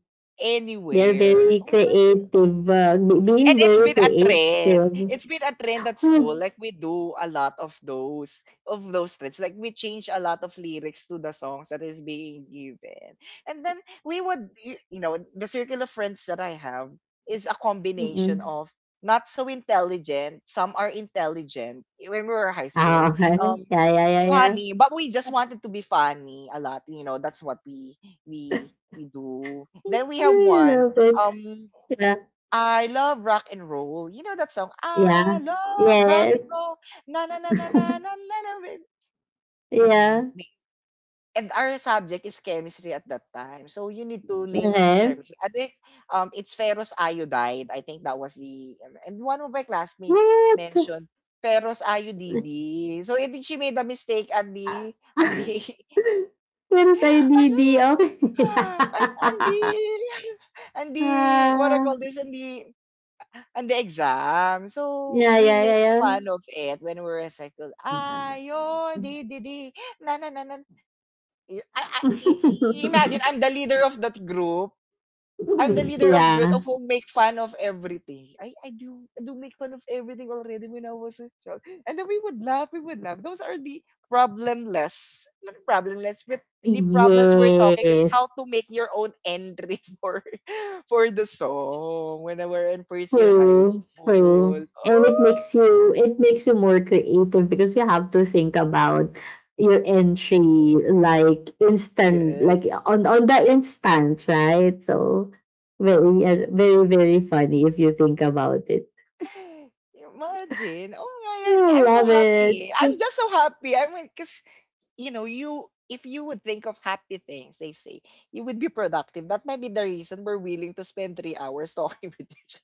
[SPEAKER 2] They're
[SPEAKER 1] anywhere.
[SPEAKER 2] very
[SPEAKER 1] I was like,
[SPEAKER 2] creative. Uh, be-
[SPEAKER 1] and
[SPEAKER 2] being
[SPEAKER 1] it's
[SPEAKER 2] very
[SPEAKER 1] been a
[SPEAKER 2] creative.
[SPEAKER 1] trend. It's been a trend at school.
[SPEAKER 2] Hmm.
[SPEAKER 1] Like we do a lot of those of those trends. Like we change a lot of lyrics to the songs that is being given. And then we would you, you know, the circle of friends that I have is a combination
[SPEAKER 2] Mm-mm.
[SPEAKER 1] of not so intelligent, some are intelligent eh, when we were high school.
[SPEAKER 2] Ah, okay.
[SPEAKER 1] Um
[SPEAKER 2] Yeah, yeah, yeah, yeah.
[SPEAKER 1] funny, but we just wanted to be funny a lot, you know, that's what we we we do. Then we have
[SPEAKER 2] I
[SPEAKER 1] one
[SPEAKER 2] love it.
[SPEAKER 1] um
[SPEAKER 2] Yeah.
[SPEAKER 1] I love rock and roll. You know that song? I
[SPEAKER 2] Yeah.
[SPEAKER 1] love rock
[SPEAKER 2] Yes.
[SPEAKER 1] and roll. Na na na na na na na na. wi-
[SPEAKER 2] Yeah.
[SPEAKER 1] yun, and our subject is chemistry at that time. So you need to name a-
[SPEAKER 2] Okay.
[SPEAKER 1] chemistry. I think um it's ferrous iodide. I think that was the and one of my classmates
[SPEAKER 2] What?
[SPEAKER 1] mentioned ferrous iodide. So I think she made a mistake at the at the
[SPEAKER 2] Pero sa I D D,
[SPEAKER 1] ano
[SPEAKER 2] okey.
[SPEAKER 1] and and the and the what I
[SPEAKER 2] Ah,
[SPEAKER 1] call this and the and the exam. So
[SPEAKER 2] yeah,
[SPEAKER 1] we
[SPEAKER 2] yeah,
[SPEAKER 1] make
[SPEAKER 2] yeah,
[SPEAKER 1] fun of it when we recycle.
[SPEAKER 2] yeah.
[SPEAKER 1] Ayo, di di di, na na na na. I, I, I- imagine I'm the leader of that group. I'm the leader of group
[SPEAKER 2] Yeah.
[SPEAKER 1] of who make fun of everything. I, I do I do make fun of everything already when I was a child. And then we would laugh, we would laugh. Those are the problemless. Not problemless, but the problems we're talking is
[SPEAKER 2] Yes.
[SPEAKER 1] how to make your own entry for for the song when I were in first year high
[SPEAKER 2] True,
[SPEAKER 1] school.
[SPEAKER 2] true. And it
[SPEAKER 1] Oh
[SPEAKER 2] makes you it makes you more creative because you have to think about your entry, like instant, like
[SPEAKER 1] yes.
[SPEAKER 2] on on that instant, right? So very, uh, very very funny if you think about it.
[SPEAKER 1] Imagine. Oh my
[SPEAKER 2] I
[SPEAKER 1] god, I'm so
[SPEAKER 2] love
[SPEAKER 1] happy. I'm
[SPEAKER 2] it.
[SPEAKER 1] just so happy. I mean, cause you know, you if you would think of happy things, they say, you would be productive. That might be the reason we're willing to spend three hours talking with each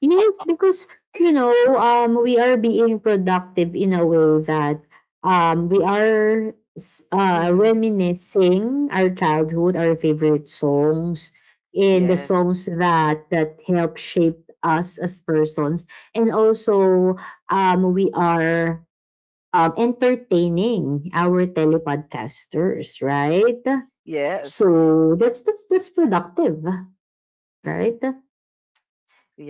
[SPEAKER 2] Yes, because, you know, um, we are being productive in a way that um, we are s-
[SPEAKER 1] other.
[SPEAKER 2] uh,
[SPEAKER 1] Hmm.
[SPEAKER 2] reminiscing our childhood, our favorite songs, and the
[SPEAKER 1] Yes.
[SPEAKER 2] songs that that help shape us as persons, and also um, we are, um, entertaining our telepodcasters, right?
[SPEAKER 1] Yes.
[SPEAKER 2] So that's that's that's productive, right?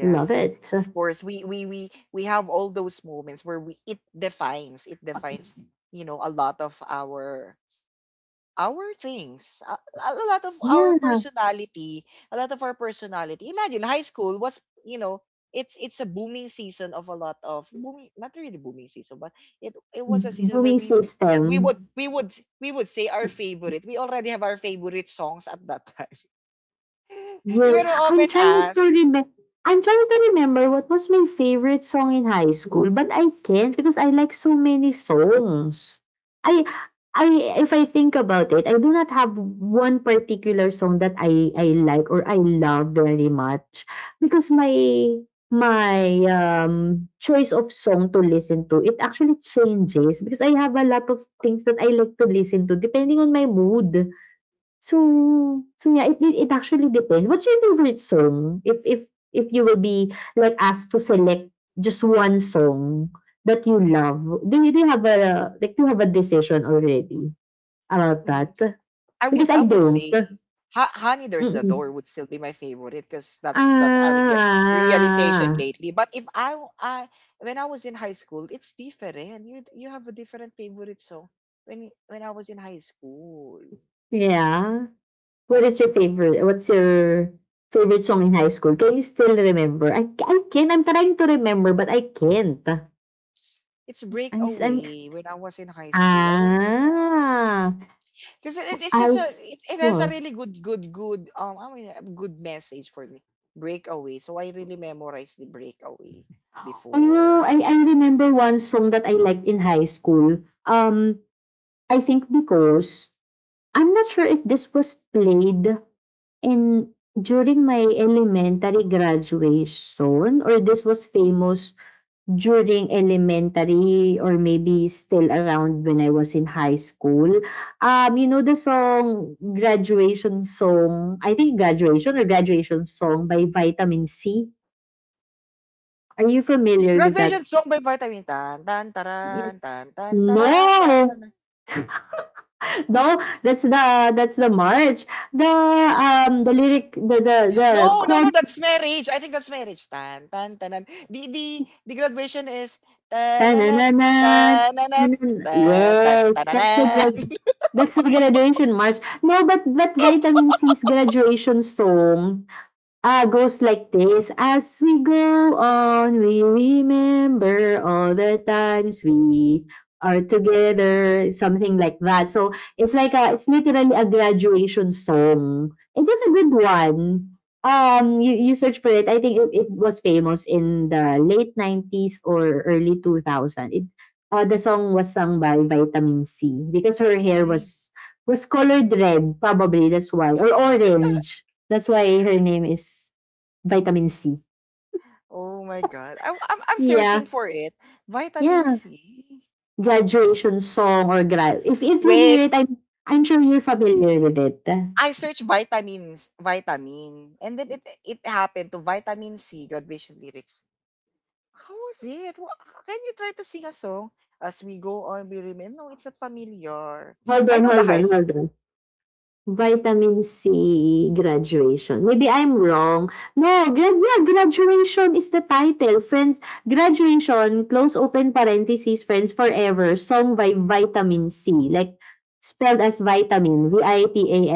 [SPEAKER 2] Love it.
[SPEAKER 1] Of course. We we we we have all those moments where we it defines, it defines, you know, a lot of our our things. A, a lot of our
[SPEAKER 2] Yeah.
[SPEAKER 1] personality, a lot of our personality. Imagine high school was, you know, it's it's a booming season of a lot of booming, not really booming season, but it it was a season where
[SPEAKER 2] Viewing
[SPEAKER 1] we we would
[SPEAKER 2] system.
[SPEAKER 1] we would we would say our favorite. We already have our favorite songs at that time. We
[SPEAKER 2] Yeah,
[SPEAKER 1] were
[SPEAKER 2] I'm
[SPEAKER 1] often
[SPEAKER 2] trying to
[SPEAKER 1] asked.
[SPEAKER 2] remember. I'm trying to remember what was my favorite song in high school, but I can't because I like so many songs. I I if I think about it, I do not have one particular song that I I like or I love very much because my my um choice of song to listen to it actually changes because I have a lot of things that I like to listen to depending on my mood. So, so yeah, it it it actually depends. What's your favorite song? If if if you will be like asked to select just one song that you love, do you, do you have a like do you have a decision already about that?
[SPEAKER 1] I
[SPEAKER 2] Because
[SPEAKER 1] would I
[SPEAKER 2] I
[SPEAKER 1] would
[SPEAKER 2] don't.
[SPEAKER 1] say ha- Honey There's a Door
[SPEAKER 2] Mm-mm.
[SPEAKER 1] would still be my favorite because that's that's a rea- realization
[SPEAKER 2] Ah,
[SPEAKER 1] lately. But if I w- I when I was in high school, it's different. You you have a different favorite song when when I was in high school.
[SPEAKER 2] yeah. What is your favorite? What's your favorite song in high school? Can you still remember? I ca- I can. I'm trying to remember, but I can't.
[SPEAKER 1] It's
[SPEAKER 2] I'm s- I'm.
[SPEAKER 1] Breakaway when I was in high school. I don't know why.
[SPEAKER 2] Ah.
[SPEAKER 1] Because it, it's such
[SPEAKER 2] High
[SPEAKER 1] a it, it has a
[SPEAKER 2] school.
[SPEAKER 1] really good good good um I mean a good message for me. Breakaway. So I really memorized the Breakaway
[SPEAKER 2] Oh,
[SPEAKER 1] before.
[SPEAKER 2] I I remember one song that I liked in high school. Um, I think because I'm not sure if this was played in during my elementary graduation or this was famous during elementary or maybe still around when I was in high school. Um, you know, the song graduation song, I think graduation or graduation song by Vitamin C. Are you familiar with
[SPEAKER 1] Graduation
[SPEAKER 2] that?
[SPEAKER 1] song by Vitamin tan tan taran, tan tan taran, tan
[SPEAKER 2] No,
[SPEAKER 1] tanan.
[SPEAKER 2] no, that's the that's the march. The um the lyric, the the the
[SPEAKER 1] No, no, no,
[SPEAKER 2] chord,
[SPEAKER 1] that's marriage. I think that's marriage. Tan tan tanan. The the the graduation is
[SPEAKER 2] na na
[SPEAKER 1] tananat
[SPEAKER 2] na na
[SPEAKER 1] tananat
[SPEAKER 2] na, na.
[SPEAKER 1] tan tan
[SPEAKER 2] Yes, that's the grad
[SPEAKER 1] tananan.
[SPEAKER 2] that's the graduation march. No, but that Vitamin C's graduation song. Ah, goes like this. As we go on, we remember all the times we are together, something like that. So it's like a, it's literally a graduation song. It was a good one. Um, you, you search for it. I think it, it was famous in the late nineties or early two thousand. It uh, The song was sung by Vitamin C because her hair
[SPEAKER 1] Mhm.
[SPEAKER 2] was was colored red, probably that's why, or orange. That's why her name is Vitamin C.
[SPEAKER 1] Oh my god. I, I'm I'm searching
[SPEAKER 2] Yeah.
[SPEAKER 1] for it. Vitamin
[SPEAKER 2] Yeah.
[SPEAKER 1] C.
[SPEAKER 2] Graduation song or gra- if if you
[SPEAKER 1] Wait,
[SPEAKER 2] hear it, I'm I'm sure you're familiar with it.
[SPEAKER 1] I searched vitamins, vitamin, and then it it happened to vitamin C graduation lyrics. How was it? Wha- Can you try to sing a song, as we go on, we remember? No, it's not familiar.
[SPEAKER 2] Hold
[SPEAKER 1] I
[SPEAKER 2] on,
[SPEAKER 1] know the
[SPEAKER 2] hold on,
[SPEAKER 1] highs.
[SPEAKER 2] hold on. Vitamin C graduation. Maybe I'm wrong. No, grad yeah, graduation is the title. Friends, graduation, close open parentheses, friends forever, song by Vitamin C. Like, spelled as vitamin,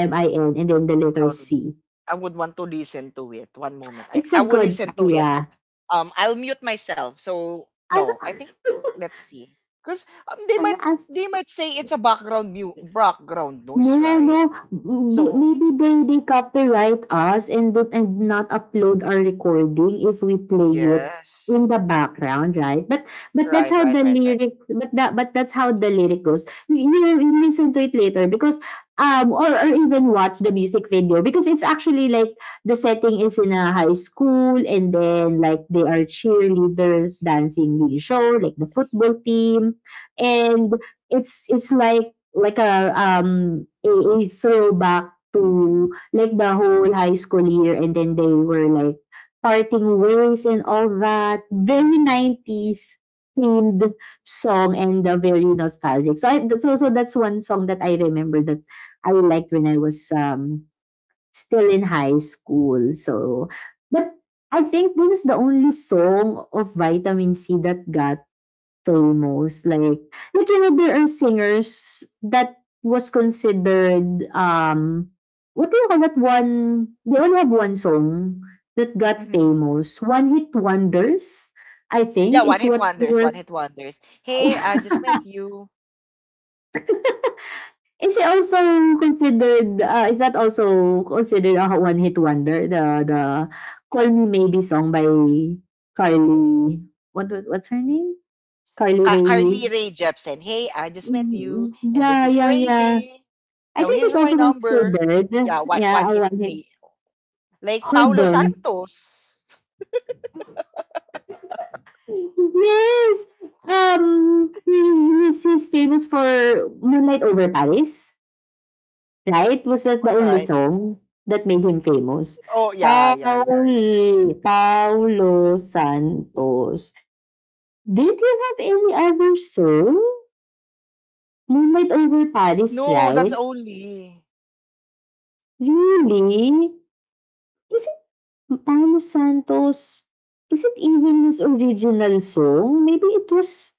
[SPEAKER 1] Um,
[SPEAKER 2] and then the
[SPEAKER 1] I
[SPEAKER 2] letter
[SPEAKER 1] would
[SPEAKER 2] C.
[SPEAKER 1] I would want to listen to it. One moment. I
[SPEAKER 2] It's a
[SPEAKER 1] I will
[SPEAKER 2] good
[SPEAKER 1] listen to it.
[SPEAKER 2] idea.
[SPEAKER 1] Um, I'll mute myself. So no, I
[SPEAKER 2] I,
[SPEAKER 1] think let's see. Cause um, they
[SPEAKER 2] I,
[SPEAKER 1] might
[SPEAKER 2] I
[SPEAKER 1] they might say it's a background mu background
[SPEAKER 2] No,
[SPEAKER 1] noise, right?
[SPEAKER 2] no, m-
[SPEAKER 1] So
[SPEAKER 2] maybe they they copyright us and don't and not upload our recording if we play it in
[SPEAKER 1] yes,
[SPEAKER 2] the background, right? But but that's
[SPEAKER 1] right,
[SPEAKER 2] how
[SPEAKER 1] right,
[SPEAKER 2] the
[SPEAKER 1] right, right.
[SPEAKER 2] lyric but that but that's how the lyric goes. You will you listen to it later because um or, or even watch the music video because it's actually like the setting is in a high school and then like they are cheerleaders dancing the show like the football team, and it's it's like like a um a, a throwback to like the whole high school year and then they were like parting ways and all that, very nineties themed song and, uh, very nostalgic. So I, so so that's one song that I remember that I liked when I was um still in high school. So but I think this is the only song of Vitamin C that got famous. Like, like you know, there are singers that was considered, um what do you call that one, they only have one song that got
[SPEAKER 1] Mm-hmm.
[SPEAKER 2] famous, one hit wonders, I
[SPEAKER 1] Yeah,
[SPEAKER 2] think
[SPEAKER 1] one
[SPEAKER 2] is
[SPEAKER 1] hit
[SPEAKER 2] what you
[SPEAKER 1] wonders, one
[SPEAKER 2] were.
[SPEAKER 1] hit wonders. Hey, I just met you.
[SPEAKER 2] Is she also considered, uh, is that also considered a one hit wonder, the the call me maybe song by Carly, what was- what's her name, Carly
[SPEAKER 1] Ca- Carly
[SPEAKER 2] Rae?
[SPEAKER 1] Rae Jepsen. Hey, I just met you,
[SPEAKER 2] Mm,
[SPEAKER 1] and this
[SPEAKER 2] yeah,
[SPEAKER 1] is
[SPEAKER 2] yeah, yeah,
[SPEAKER 1] crazy.
[SPEAKER 2] I
[SPEAKER 1] Now
[SPEAKER 2] think
[SPEAKER 1] here's
[SPEAKER 2] she's
[SPEAKER 1] my
[SPEAKER 2] also
[SPEAKER 1] number.
[SPEAKER 2] considered,
[SPEAKER 1] Yeah, one
[SPEAKER 2] yeah,
[SPEAKER 1] one
[SPEAKER 2] a
[SPEAKER 1] hit
[SPEAKER 2] one hit.
[SPEAKER 1] me. Like
[SPEAKER 2] Hold
[SPEAKER 1] Paulo
[SPEAKER 2] on.
[SPEAKER 1] Santos.
[SPEAKER 2] Yes! Um, he- he's famous for Moonlight Over Paris, right? Was that the only
[SPEAKER 1] Right?
[SPEAKER 2] song that made him famous?
[SPEAKER 1] Oh yeah, yeah, yeah, yeah.
[SPEAKER 2] Paul, Paulo Santos. Did you have any other song? Moonlight Over Paris,
[SPEAKER 1] No, that's
[SPEAKER 2] right?
[SPEAKER 1] only.
[SPEAKER 2] Really? Isn't Paolo Santos, is it even his original song? Maybe it was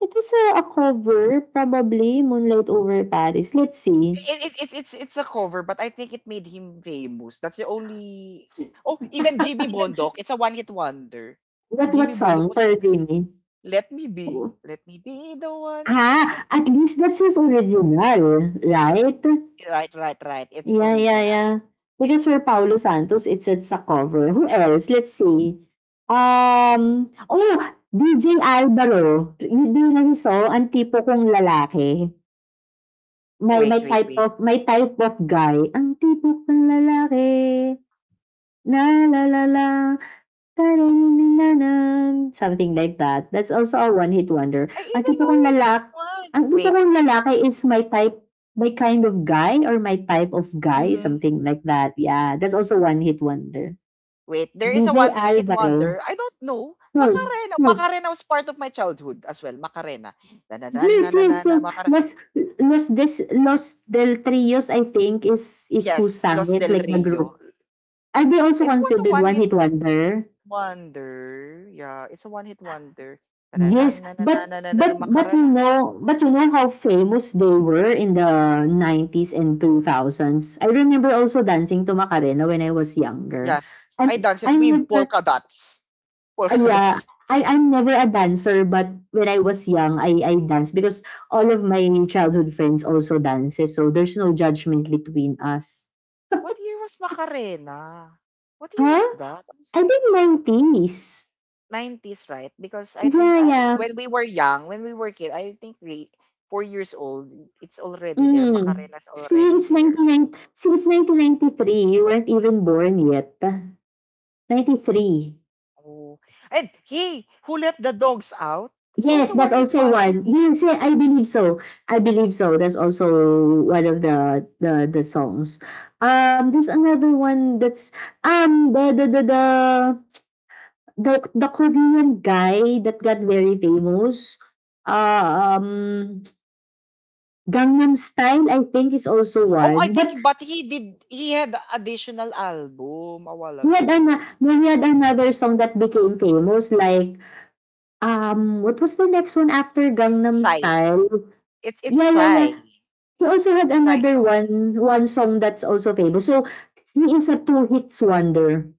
[SPEAKER 2] it was a, a cover, probably, Moonlight Over Paris. Let's see.
[SPEAKER 1] It, it, it's it's it's a cover, but I think it made him famous. That's the only. Oh, even Jimmy Bondok. It's a one hit wonder.
[SPEAKER 2] What what
[SPEAKER 1] Jimmy Bondok
[SPEAKER 2] song,
[SPEAKER 1] was
[SPEAKER 2] Pearl Jimmy?
[SPEAKER 1] Let Me Be. Let Me Be the One.
[SPEAKER 2] Ah, at least that's his original, right?
[SPEAKER 1] Right, right, right. It's
[SPEAKER 2] Yeah, yeah,
[SPEAKER 1] original.
[SPEAKER 2] yeah. Because for Paolo Santos, it's it's a cover. Who else? Let's see. Um, oh, D J Alvaro. Yun din yung song, ang tipo kong lalaki. May
[SPEAKER 1] Wait,
[SPEAKER 2] may
[SPEAKER 1] wait,
[SPEAKER 2] type
[SPEAKER 1] wait.
[SPEAKER 2] of may type of guy, ang tipo kong lalaki, na la la la, tarararararan, something like that. That's also a one hit wonder.
[SPEAKER 1] I
[SPEAKER 2] Ang
[SPEAKER 1] even
[SPEAKER 2] tipo kong lalak
[SPEAKER 1] know one.
[SPEAKER 2] ang tipo
[SPEAKER 1] Wait.
[SPEAKER 2] kong lalaki is my type, my kind of guy or my type of guy,
[SPEAKER 1] Hmm.
[SPEAKER 2] something like that. Yeah, that's also one hit wonder.
[SPEAKER 1] Wait, there is a
[SPEAKER 2] D J
[SPEAKER 1] one hit
[SPEAKER 2] Alvaro.
[SPEAKER 1] wonder. I don't know.
[SPEAKER 2] No,
[SPEAKER 1] Macarena.
[SPEAKER 2] no.
[SPEAKER 1] Macarena was part of my childhood as well. Macarena. Na na na
[SPEAKER 2] Yes,
[SPEAKER 1] na na na
[SPEAKER 2] yes,
[SPEAKER 1] na,
[SPEAKER 2] yes.
[SPEAKER 1] Macarena.
[SPEAKER 2] Los Los Des Los Del Trios, I think, is is who
[SPEAKER 1] Yes,
[SPEAKER 2] sang
[SPEAKER 1] Los
[SPEAKER 2] it,
[SPEAKER 1] del
[SPEAKER 2] like the
[SPEAKER 1] Rio.
[SPEAKER 2] group. Are they also
[SPEAKER 1] It was a
[SPEAKER 2] considered
[SPEAKER 1] one hit
[SPEAKER 2] one-hit wonder?
[SPEAKER 1] wonder. Yeah, it's a one hit wonder. Na na na
[SPEAKER 2] Yes,
[SPEAKER 1] na na na
[SPEAKER 2] but
[SPEAKER 1] na na na
[SPEAKER 2] but but you
[SPEAKER 1] Macarena.
[SPEAKER 2] know but you know how famous they were in the nineties and two thousands. I remember also dancing to Macarena when I was younger.
[SPEAKER 1] Yes,
[SPEAKER 2] And
[SPEAKER 1] I danced it
[SPEAKER 2] I
[SPEAKER 1] with
[SPEAKER 2] never
[SPEAKER 1] polka dots.
[SPEAKER 2] ah,
[SPEAKER 1] Polka
[SPEAKER 2] Yeah,
[SPEAKER 1] dots.
[SPEAKER 2] I I'm never a dancer, but when I was young, I I danced because all of my childhood friends also dances, so there's no judgment between us.
[SPEAKER 1] What year was Macarena? What year
[SPEAKER 2] Huh?
[SPEAKER 1] was that?
[SPEAKER 2] I think nineties.
[SPEAKER 1] nineties, right? Because I think
[SPEAKER 2] Yeah,
[SPEAKER 1] I,
[SPEAKER 2] yeah.
[SPEAKER 1] when we were young, when we were kid, I think re, four years old, it's already there.
[SPEAKER 2] Mm.
[SPEAKER 1] Macarena's already
[SPEAKER 2] Since
[SPEAKER 1] there.
[SPEAKER 2] nineteen ninety nine, since nineteen ninety three you weren't even born yet. Ninety three
[SPEAKER 1] Oh, and he who let the dogs out is
[SPEAKER 2] Yes,
[SPEAKER 1] also
[SPEAKER 2] that's
[SPEAKER 1] one hit
[SPEAKER 2] also
[SPEAKER 1] wonder.
[SPEAKER 2] one. Yes, yeah, I believe so. I believe so. That's also one of the the the songs. Um, there's another one that's um the the the the the, the Korean guy that got very famous. Uh, um, Gangnam Style, I think, is also
[SPEAKER 1] Oh, I
[SPEAKER 2] one.
[SPEAKER 1] think,
[SPEAKER 2] But
[SPEAKER 1] but he did. He had additional album a while
[SPEAKER 2] He had an
[SPEAKER 1] ago.
[SPEAKER 2] he had another song that became famous, like um what was the next one after Gangnam
[SPEAKER 1] Psy.
[SPEAKER 2] Style?
[SPEAKER 1] It's it's
[SPEAKER 2] Yeah, yeah, yeah.
[SPEAKER 1] Psy.
[SPEAKER 2] He also had
[SPEAKER 1] Psy
[SPEAKER 2] another
[SPEAKER 1] songs.
[SPEAKER 2] one one song that's also famous. So he is a two hits wonder.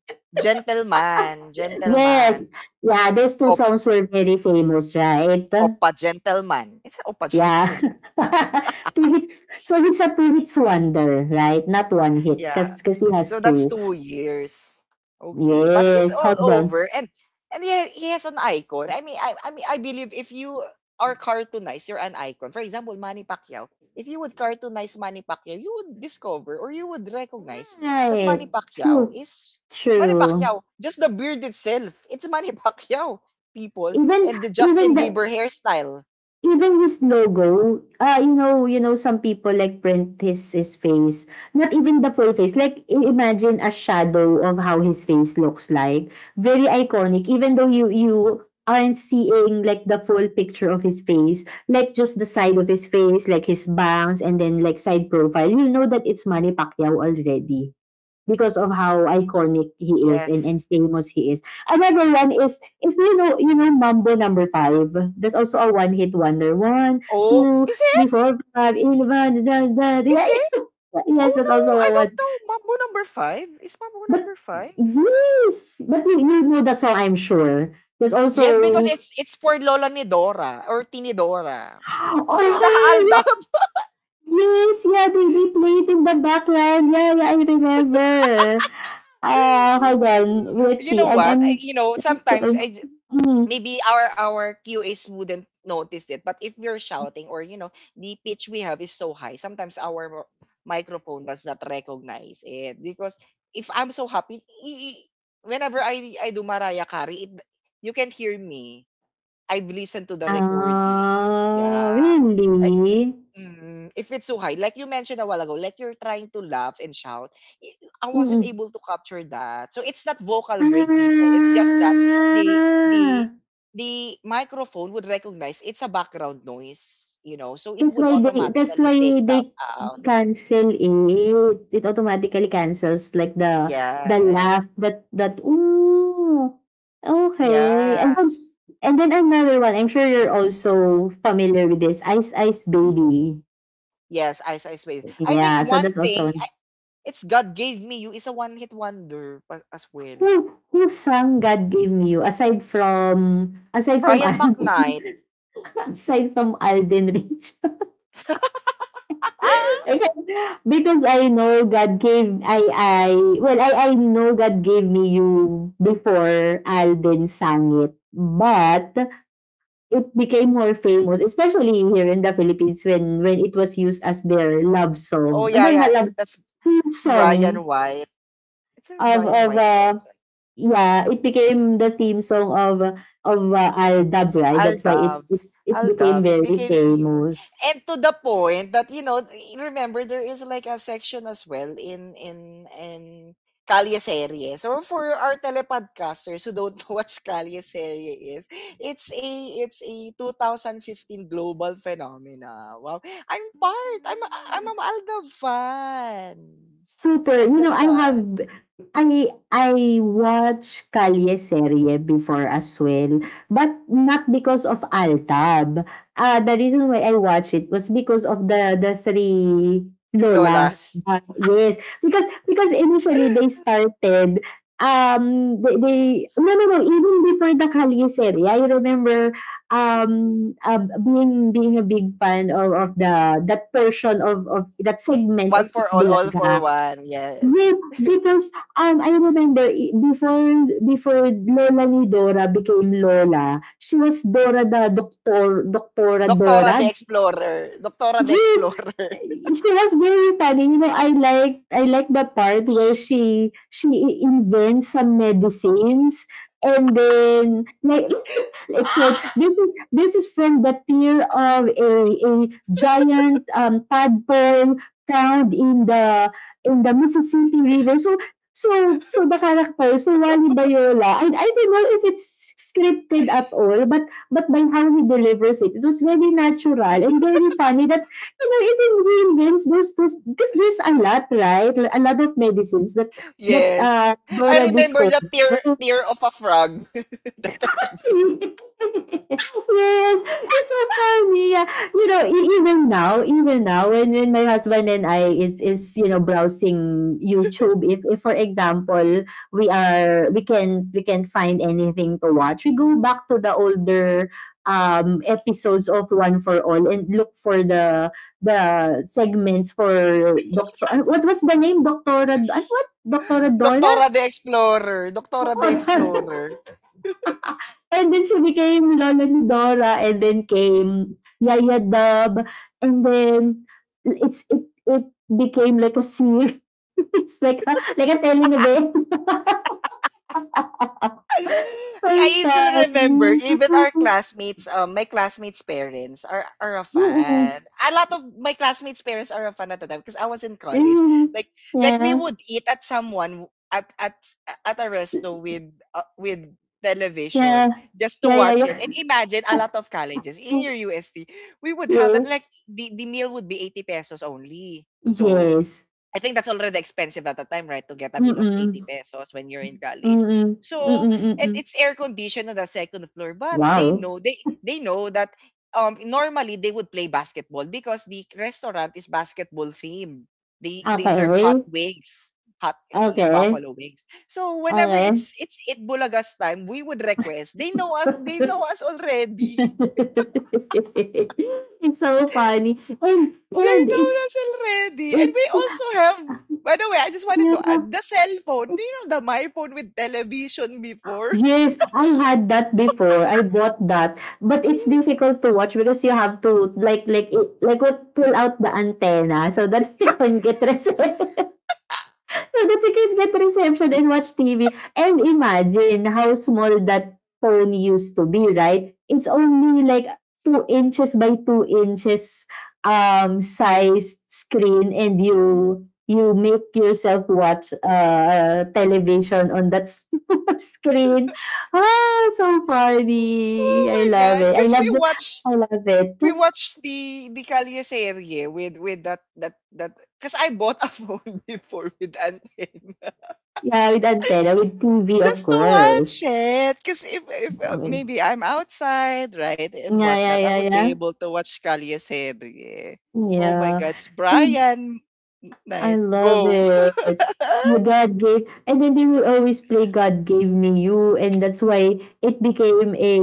[SPEAKER 1] Gentleman,
[SPEAKER 2] Yes.
[SPEAKER 1] gentleman.
[SPEAKER 2] Yeah, those two
[SPEAKER 1] Op,
[SPEAKER 2] songs were very famous, right?
[SPEAKER 1] opa gentleman. It's opa
[SPEAKER 2] Yeah.
[SPEAKER 1] gentleman.
[SPEAKER 2] Two hits. So it's a two hits wonder, right? Not one hit
[SPEAKER 1] Yeah,
[SPEAKER 2] cuz he has
[SPEAKER 1] so that's
[SPEAKER 2] two.
[SPEAKER 1] two years. Okay, but he's
[SPEAKER 2] Yes,
[SPEAKER 1] all
[SPEAKER 2] hold
[SPEAKER 1] over,
[SPEAKER 2] on.
[SPEAKER 1] and and he, he has an icon. I mean, I I mean, I believe if you are cartoonized, you're an icon. For example, Manny Pacquiao. If you would cartoonize Manny Pacquiao, you would discover or you would recognize that
[SPEAKER 2] Right.
[SPEAKER 1] Manny Pacquiao
[SPEAKER 2] True.
[SPEAKER 1] is Manny
[SPEAKER 2] True.
[SPEAKER 1] Pacquiao. Just the beard itself, it's Manny Pacquiao. People
[SPEAKER 2] Even
[SPEAKER 1] and the
[SPEAKER 2] even
[SPEAKER 1] Justin
[SPEAKER 2] the
[SPEAKER 1] Bieber hairstyle.
[SPEAKER 2] even his logo, ah, you know you know some people like print his his face, not even the full face, like i- imagine a shadow of how his face looks like. Very iconic, even though you you aren't seeing like the full picture of his face, like just the side of his face, like his bangs and then like side profile, you know that it's Manny Pacquiao already because of how iconic he is and,
[SPEAKER 1] Yes.
[SPEAKER 2] and famous he is. Another one is is you know you know Mambo number five. That's also a one hit wonder. One,
[SPEAKER 1] Oh,
[SPEAKER 2] two,
[SPEAKER 1] is it?
[SPEAKER 2] three, four, five, eleven, da, da, da.
[SPEAKER 1] Is
[SPEAKER 2] Yeah,
[SPEAKER 1] it?
[SPEAKER 2] yeah. Yes,
[SPEAKER 1] Oh
[SPEAKER 2] that's also
[SPEAKER 1] no, I
[SPEAKER 2] a
[SPEAKER 1] don't
[SPEAKER 2] one.
[SPEAKER 1] know. Mambo number five is Mambo
[SPEAKER 2] But
[SPEAKER 1] number five.
[SPEAKER 2] yes, but you, you know that song, I'm sure. There's also,
[SPEAKER 1] Yes, because
[SPEAKER 2] oh,
[SPEAKER 1] it's it's for Lola Nidora or Tinidora. You know, the
[SPEAKER 2] yeah,
[SPEAKER 1] Aldab.
[SPEAKER 2] yes, yeah, they, they play it in the background. Yeah, yeah, I remember. Uh, hold on. Let's
[SPEAKER 1] You
[SPEAKER 2] see.
[SPEAKER 1] know
[SPEAKER 2] I'm
[SPEAKER 1] what? I,
[SPEAKER 2] I'm,
[SPEAKER 1] you know,
[SPEAKER 2] I'm
[SPEAKER 1] sometimes
[SPEAKER 2] still.
[SPEAKER 1] I j-
[SPEAKER 2] Hmm.
[SPEAKER 1] maybe our our Q As wouldn't notice it, but if we're shouting or you know, the pitch we have is so high, sometimes our mo- microphone does not recognize it because if I'm so happy, i- i- whenever I I do Mariah Carey, it, you can hear me. I've listened to the recording.
[SPEAKER 2] Ah,
[SPEAKER 1] Yeah.
[SPEAKER 2] really?
[SPEAKER 1] Mm, if it's so high, like you mentioned a while ago, like you're trying to laugh and shout, i- I wasn't
[SPEAKER 2] Mm.
[SPEAKER 1] able to capture that. So it's not vocal
[SPEAKER 2] Ah,
[SPEAKER 1] break, people. It's just that the the the microphone would recognize it's a background noise, you know, so it
[SPEAKER 2] that's
[SPEAKER 1] would
[SPEAKER 2] why they that's
[SPEAKER 1] automatically
[SPEAKER 2] why
[SPEAKER 1] take that
[SPEAKER 2] they
[SPEAKER 1] out.
[SPEAKER 2] cancel it. It automatically cancels like the the laugh
[SPEAKER 1] Yes,
[SPEAKER 2] that that ooh, okay. And then
[SPEAKER 1] yes,
[SPEAKER 2] and then another one, I'm sure you're also familiar with this, Ice Ice Baby.
[SPEAKER 1] yes. I I space. I think
[SPEAKER 2] Yeah, so
[SPEAKER 1] one
[SPEAKER 2] that's also
[SPEAKER 1] thing I,
[SPEAKER 2] one.
[SPEAKER 1] it's God gave me you is a one hit wonder pa- as well.
[SPEAKER 2] Who who sang God Gave Me You,
[SPEAKER 1] It's
[SPEAKER 2] aside from aside from
[SPEAKER 1] Brian
[SPEAKER 2] Alvin?
[SPEAKER 1] McKnight.
[SPEAKER 2] Aside from Alden Rich. Because I know God gave, I, I, well, I, I know God gave me you before Alden sang it. But it became more famous, especially here in the Philippines, when, when it was used as their love
[SPEAKER 1] Oh
[SPEAKER 2] song.
[SPEAKER 1] yeah,
[SPEAKER 2] Ano na
[SPEAKER 1] yeah.
[SPEAKER 2] love
[SPEAKER 1] That's
[SPEAKER 2] theme song
[SPEAKER 1] Ryan White. It's a
[SPEAKER 2] of,
[SPEAKER 1] Ryan
[SPEAKER 2] of,
[SPEAKER 1] White song.
[SPEAKER 2] uh,
[SPEAKER 1] so-
[SPEAKER 2] yeah, it became the theme song of, uh, of uh, Alda Bride.
[SPEAKER 1] I'll
[SPEAKER 2] That's why it,
[SPEAKER 1] dove.
[SPEAKER 2] it, it
[SPEAKER 1] I'll
[SPEAKER 2] became
[SPEAKER 1] dove. It
[SPEAKER 2] very
[SPEAKER 1] became famous.
[SPEAKER 2] famous.
[SPEAKER 1] And to the point that, you know, remember there is like a section as well in in in Calle Serie. So for our telepodcasters who don't know what Calle Serie is, it's a it's a twenty fifteen global phenomena. Wow. I'm part. I'm a- I'm an Aldab fan
[SPEAKER 2] Super.
[SPEAKER 1] at
[SPEAKER 2] You
[SPEAKER 1] that
[SPEAKER 2] know, I have
[SPEAKER 1] time.
[SPEAKER 2] I I watch Kalye serie before as well, but not because of Altab. Uh, the reason why I watch it was because of the the three lolas.
[SPEAKER 1] Lolas.
[SPEAKER 2] Uh, yes, because because initially they started, um they, they no, no, no, even before the Kalye serie I remember um uh, being being a big fan of, of the that portion of of that segment of
[SPEAKER 1] One for all, all for
[SPEAKER 2] Itbulaga.
[SPEAKER 1] one.
[SPEAKER 2] Yes,
[SPEAKER 1] Yes.
[SPEAKER 2] because, um, I remember i before before lola ni Dora became Lola, she was Dora the Doctor Doctora
[SPEAKER 1] Doctora
[SPEAKER 2] Dora.
[SPEAKER 1] the Explorer. Doctora the
[SPEAKER 2] Yes,
[SPEAKER 1] Explorer.
[SPEAKER 2] she was very funny. You know, I like I like the part where she she invents some medicines, and then, like, it said
[SPEAKER 1] Ah!
[SPEAKER 2] this is this is from the tear of a a giant um tadpole found in the in the Mississippi River. So so so the character so Wally Bayola, and I don't know if it's scripted at all, but but by how he delivers it it was very natural and very funny. You know, even healings, there's, there's, because there's a lot, right? A lot of medicines that, that,
[SPEAKER 1] Yes.
[SPEAKER 2] uh,
[SPEAKER 1] I
[SPEAKER 2] Dora
[SPEAKER 1] remember
[SPEAKER 2] discovers.
[SPEAKER 1] the tear tear of a frog. That has been
[SPEAKER 2] Yes, it's so funny. Yeah. You know, e- even now, even now, when, when my husband and I is is you know browsing YouTube, if, if for example we are we can we can find anything to watch, we go back to the older um episodes of One for All and look for the the segments for Doctor. What was the name? Doctora. Ano what? Doctora Dora.
[SPEAKER 1] Doctora the Explorer. Doctora the Explorer.
[SPEAKER 2] And then she became Lola ni Dora and then came Yaya Dub, and then it's it it became like a series, like a like a telenovela.
[SPEAKER 1] Yeah,
[SPEAKER 2] So
[SPEAKER 1] I still remember
[SPEAKER 2] funny.
[SPEAKER 1] even our classmates, um, my classmates' parents are are a
[SPEAKER 2] Mm-mm.
[SPEAKER 1] fan. A lot of my classmates' parents are a fan at the time because I was in college.
[SPEAKER 2] Mm.
[SPEAKER 1] Like like we
[SPEAKER 2] Yeah.
[SPEAKER 1] would eat at someone at at at a resto with uh, with television
[SPEAKER 2] Yeah.
[SPEAKER 1] just to
[SPEAKER 2] Yeah, yeah,
[SPEAKER 1] watch it.
[SPEAKER 2] yeah.
[SPEAKER 1] And imagine a lot of colleges in your U S T, we would have
[SPEAKER 2] Yeah.
[SPEAKER 1] that, like, the, the meal would be eighty pesos only. So
[SPEAKER 2] Yes.
[SPEAKER 1] I think that's already expensive at the time, right? To get a meal of eighty
[SPEAKER 2] Mm-mm.
[SPEAKER 1] pesos when you're in college. Mm.
[SPEAKER 2] Mm-mm.
[SPEAKER 1] So,
[SPEAKER 2] Mm-mm.
[SPEAKER 1] and
[SPEAKER 2] Mm-mm.
[SPEAKER 1] it's air conditioned on the second floor, but they
[SPEAKER 2] Wow.
[SPEAKER 1] know they they know that um normally they would play basketball because the restaurant is basketball themed. They they serve hot
[SPEAKER 2] Okay.
[SPEAKER 1] wings, hot eh,
[SPEAKER 2] Okay.
[SPEAKER 1] buffalo wings. So whenever
[SPEAKER 2] Okay.
[SPEAKER 1] it's it's it Bulaga's time, we would request. They know us. They know us already.
[SPEAKER 2] It's so funny. And
[SPEAKER 1] They
[SPEAKER 2] and
[SPEAKER 1] know
[SPEAKER 2] it's,
[SPEAKER 1] us already. And
[SPEAKER 2] it,
[SPEAKER 1] we also have, by the way, I just wanted to
[SPEAKER 2] yeah.
[SPEAKER 1] add the cell phone. Do you know the my phone with television before?
[SPEAKER 2] Yes, I had that before. I bought that. But it's difficult to watch because you have to, like like it- like what pull out the antenna so that you can get reception. So that you can get reception and watch T V. And imagine how small that phone used to be, right? It's only like two inches by two inches um sized screen, and you you make yourself watch uh television on that small screen. Ah, so funny.
[SPEAKER 1] Oh
[SPEAKER 2] I
[SPEAKER 1] my
[SPEAKER 2] love
[SPEAKER 1] god.
[SPEAKER 2] it. I
[SPEAKER 1] Because
[SPEAKER 2] love
[SPEAKER 1] we
[SPEAKER 2] the
[SPEAKER 1] watch
[SPEAKER 2] I love it.
[SPEAKER 1] we watch the the Calle serie with with that that that because I bought a phone before with antenna.
[SPEAKER 2] Yeah, with antenna, with T V, of
[SPEAKER 1] Just to watch
[SPEAKER 2] course.
[SPEAKER 1] it. Because if, if
[SPEAKER 2] I
[SPEAKER 1] uh,
[SPEAKER 2] mean,
[SPEAKER 1] maybe I'm outside, right, and
[SPEAKER 2] yeah, yeah,
[SPEAKER 1] whatnot, I
[SPEAKER 2] yeah,
[SPEAKER 1] would be
[SPEAKER 2] yeah.
[SPEAKER 1] able to watch Calle Serie. Oh my
[SPEAKER 2] Yeah.
[SPEAKER 1] gosh,
[SPEAKER 2] And
[SPEAKER 1] Brian
[SPEAKER 2] I
[SPEAKER 1] Night,
[SPEAKER 2] love
[SPEAKER 1] go.
[SPEAKER 2] it. The God gave, and then they will always play God gave me you, and that's why it became a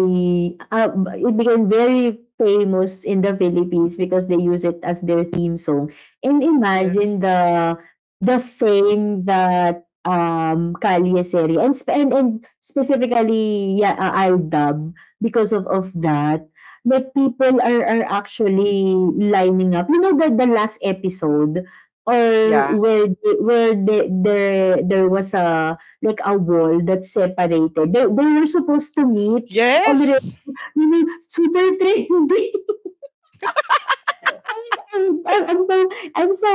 [SPEAKER 2] uh, it became very famous in the Philippines because they use it as their theme song. And
[SPEAKER 1] Yes.
[SPEAKER 2] imagine the the fame that um Kali Seri and, spe- and and specifically, yeah, uh, Aldab, because of of that that people are are actually lining up. You know the the last episode? Or
[SPEAKER 1] Yeah.
[SPEAKER 2] where the where the the there was a, like, a wall that separated. They they were supposed to meet, alre
[SPEAKER 1] Yes.
[SPEAKER 2] you know, super trending. And, and, and, and, and so,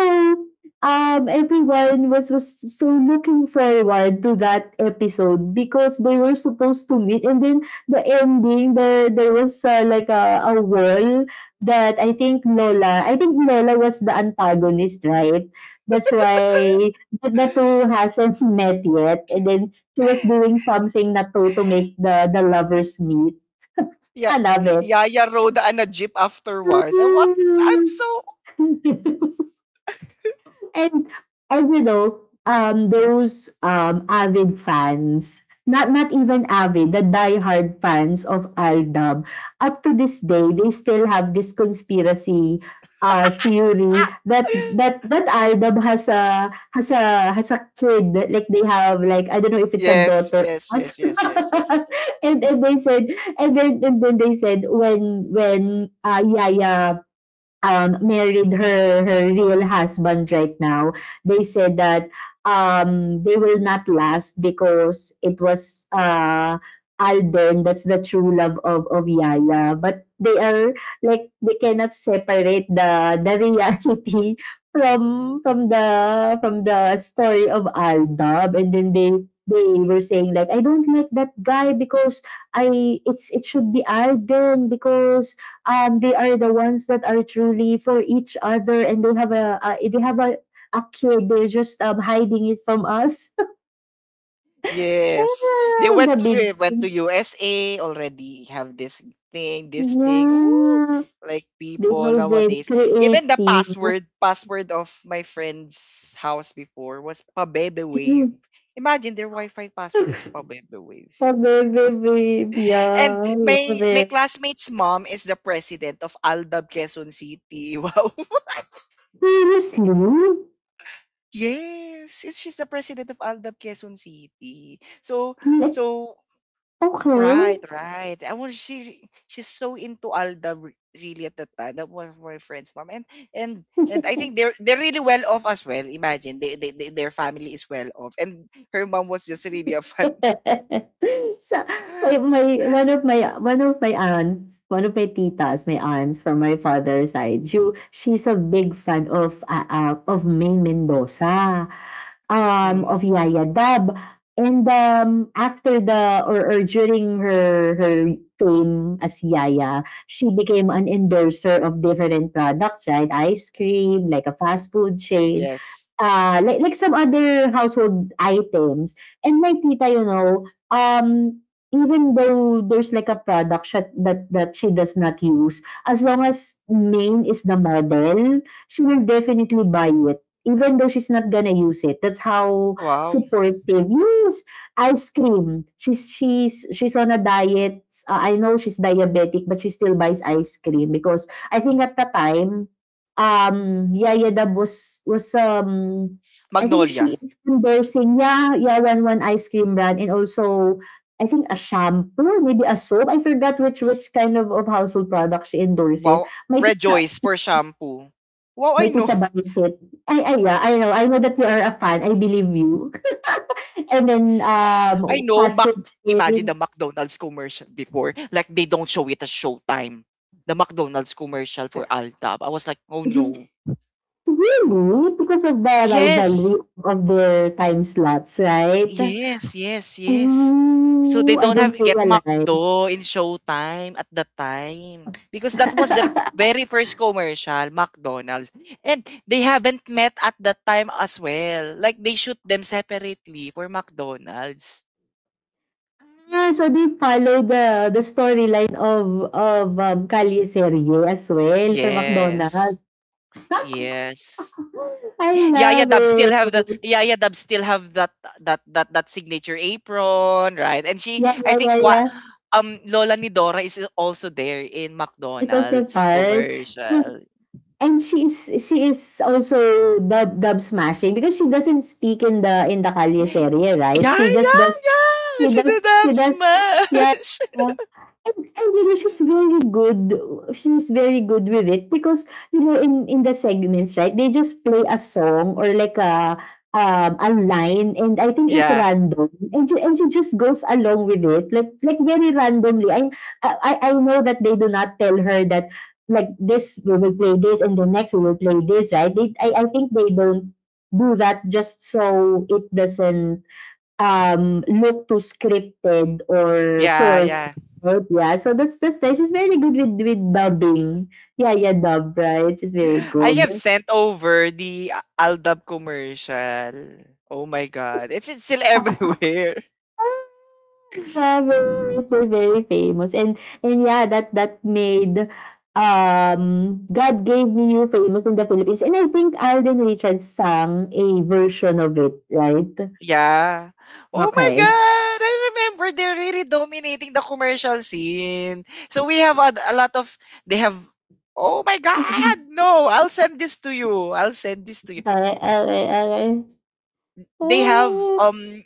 [SPEAKER 2] um, everyone was, was so looking forward to that episode because they were supposed to meet. And then the ending, there, there was, uh, like, a, a wall that, I think Lola, I think Lola was the antagonist, right? That's why the, the two hasn't met yet. And then she was doing something na to, to make the, the lovers meet.
[SPEAKER 1] Yeah.
[SPEAKER 2] I love
[SPEAKER 1] Yaya rode on a jeep afterwards. And what? I'm so.
[SPEAKER 2] it. And and you know, um, those um avid fans, not not even avid, the diehard fans of Aldab, up to this day, they still have this conspiracy uh theory
[SPEAKER 1] Ah.
[SPEAKER 2] that that that Aldab has a has a has a kid, like, they have, like, I don't know if it's a
[SPEAKER 1] Yes,
[SPEAKER 2] daughter.
[SPEAKER 1] yes, yes, yes, yes, yes.
[SPEAKER 2] And and they said, and then and then they said when when uh, Yaya, um, married her her real husband right now, they said that, um, they will not last because it was, uh, Alden that's the true love of of Yaya, but they are, like, they cannot separate the the reality from from the from the story of Aldab, and then they they were saying, like, I don't like that guy because I it's it should be Alden because, um, they are the ones that are truly for each other and they have a uh, they have a, a kid, they're just, um, hiding it from us.
[SPEAKER 1] Yes. They
[SPEAKER 2] Ah, the
[SPEAKER 1] went to
[SPEAKER 2] big—
[SPEAKER 1] eh, went to U S A already have this thing, this thing. Ooh,
[SPEAKER 2] yeah,
[SPEAKER 1] like
[SPEAKER 2] they
[SPEAKER 1] people
[SPEAKER 2] were very
[SPEAKER 1] nowadays. Even the
[SPEAKER 2] creative.
[SPEAKER 1] password, password of my friend's house before was Pabebe Wave.
[SPEAKER 2] Mm.
[SPEAKER 1] Imagine their Wi-Fi password is Pabebe Wave.
[SPEAKER 2] Oh, baby, babe,
[SPEAKER 1] And
[SPEAKER 2] yeah, love
[SPEAKER 1] my my
[SPEAKER 2] it.
[SPEAKER 1] classmate's mom is the president of Aldab Quezon City. Wow.
[SPEAKER 2] Seriously.
[SPEAKER 1] Yes, it's- she's the president of Aldab Quezon City. So
[SPEAKER 2] Like,
[SPEAKER 1] so Right,
[SPEAKER 2] okay.
[SPEAKER 1] right. I was she she's so into Alda r- really at the time. That was my friend's mom. And and and I think they're they're really well off as well. Imagine they, they, they their family is well off. And her mom was just really a fun.
[SPEAKER 2] Sa may my one of my one of my aunt, one of my titas, my aunt from my father's side, she, she's a big fan of uh, uh, of May Mendoza,
[SPEAKER 1] Mm,
[SPEAKER 2] um, of Yaya Dab. And, um, after the or, or during her her fame as Yaya, she became an endorser of different products, right? Ice cream, like a fast food chain.
[SPEAKER 1] yes.
[SPEAKER 2] Ah, like like some other household items. And my tita, you know, um, even though there's like a product sha that that she does not use, as long as main is the model, she will definitely buy it, even though she's not gonna use it. That's how
[SPEAKER 1] Wow.
[SPEAKER 2] supportive, yes. Ice cream. She's she's she's on a diet. Uh, I know she's diabetic, but she still buys ice cream because I think at the time um Yaya Dabos was was um I think,
[SPEAKER 1] Magnolia.
[SPEAKER 2] she is endorsing, yeah, yeah, one one ice cream brand. And also I think a shampoo, maybe a soap. I forgot which which kind of, of household product she endorses.
[SPEAKER 1] Wow.
[SPEAKER 2] My tita,
[SPEAKER 1] Rejoice for shampoo. Wow,
[SPEAKER 2] my
[SPEAKER 1] I know.
[SPEAKER 2] tita buys it. I I yeah, I know I know that you are a fan. I believe you. And then
[SPEAKER 1] I,
[SPEAKER 2] um
[SPEAKER 1] I know
[SPEAKER 2] fast
[SPEAKER 1] Mac
[SPEAKER 2] food
[SPEAKER 1] imagine the
[SPEAKER 2] chain.
[SPEAKER 1] McDonald's commercial before. Like they don't show it at showtime. The McDonald's commercial for Alda. I was like, oh no.
[SPEAKER 2] Really, because of the
[SPEAKER 1] Yes.
[SPEAKER 2] rivalry of their time slots, right?
[SPEAKER 1] Yes, yes, yes. So
[SPEAKER 2] Ooh,
[SPEAKER 1] they
[SPEAKER 2] I
[SPEAKER 1] don't have
[SPEAKER 2] didn't
[SPEAKER 1] get
[SPEAKER 2] realize.
[SPEAKER 1] McDo in Showtime at that time because that was their very first commercial, McDonald's. And they haven't met at that time as well. Like they shoot them separately for McDonald's.
[SPEAKER 2] Ah, so they follow the the storyline of of, um, Calle Serie as well for
[SPEAKER 1] Yes.
[SPEAKER 2] McDonald's.
[SPEAKER 1] Yes.
[SPEAKER 2] I
[SPEAKER 1] Yeah, yeah,
[SPEAKER 2] love
[SPEAKER 1] Dub still have that
[SPEAKER 2] it.
[SPEAKER 1] yeah, yeah, Dub still have that that that that signature apron, right? And she
[SPEAKER 2] Yeah,
[SPEAKER 1] I
[SPEAKER 2] yeah,
[SPEAKER 1] think
[SPEAKER 2] yeah,
[SPEAKER 1] what
[SPEAKER 2] yeah.
[SPEAKER 1] um Lola ni Dora is also there in
[SPEAKER 2] It's also a
[SPEAKER 1] McDonald's
[SPEAKER 2] part. And
[SPEAKER 1] commercial.
[SPEAKER 2] and she is she is also dub dub smashing because she doesn't speak in the in the Calle
[SPEAKER 1] Yeah,
[SPEAKER 2] Serie, right?
[SPEAKER 1] yeah,
[SPEAKER 2] She just does,
[SPEAKER 1] yeah.
[SPEAKER 2] she
[SPEAKER 1] She
[SPEAKER 2] does,
[SPEAKER 1] did
[SPEAKER 2] she
[SPEAKER 1] have
[SPEAKER 2] does. Yeah.
[SPEAKER 1] smash.
[SPEAKER 2] Yeah. And I really, she's very good she's very good with it because, you know, in in the segments, right, they just play a song or like a, um, a line, and I think it's
[SPEAKER 1] Yeah,
[SPEAKER 2] random, and she and she just goes along with it, like, like very randomly. I I I know that they do not tell her that, like, this we will play this and the next we will play this, right? They I I think they don't do that just so it doesn't um, look too scripted or
[SPEAKER 1] yeah,
[SPEAKER 2] forced.
[SPEAKER 1] yeah.
[SPEAKER 2] Right? Yeah, so that's that's nice. She's very good with with dubbing. Yeah, yeah, dub, right. She's very
[SPEAKER 1] I
[SPEAKER 2] good.
[SPEAKER 1] have sent over the Aldab commercial. Oh my god. It's, it's still everywhere.
[SPEAKER 2] Ah, yeah, very, very, very famous. And and yeah, that that made um "God Gave Me You" famous in the Philippines. And I think Alden Richards sang a version of it, right?
[SPEAKER 1] Yeah. Oh my
[SPEAKER 2] Okay.
[SPEAKER 1] God! I remember they're really dominating the commercial scene. So we have a, a lot of they have. Oh my
[SPEAKER 2] Okay,
[SPEAKER 1] God! No, I'll send this to you. I'll send this to you.
[SPEAKER 2] okay, okay.
[SPEAKER 1] They have um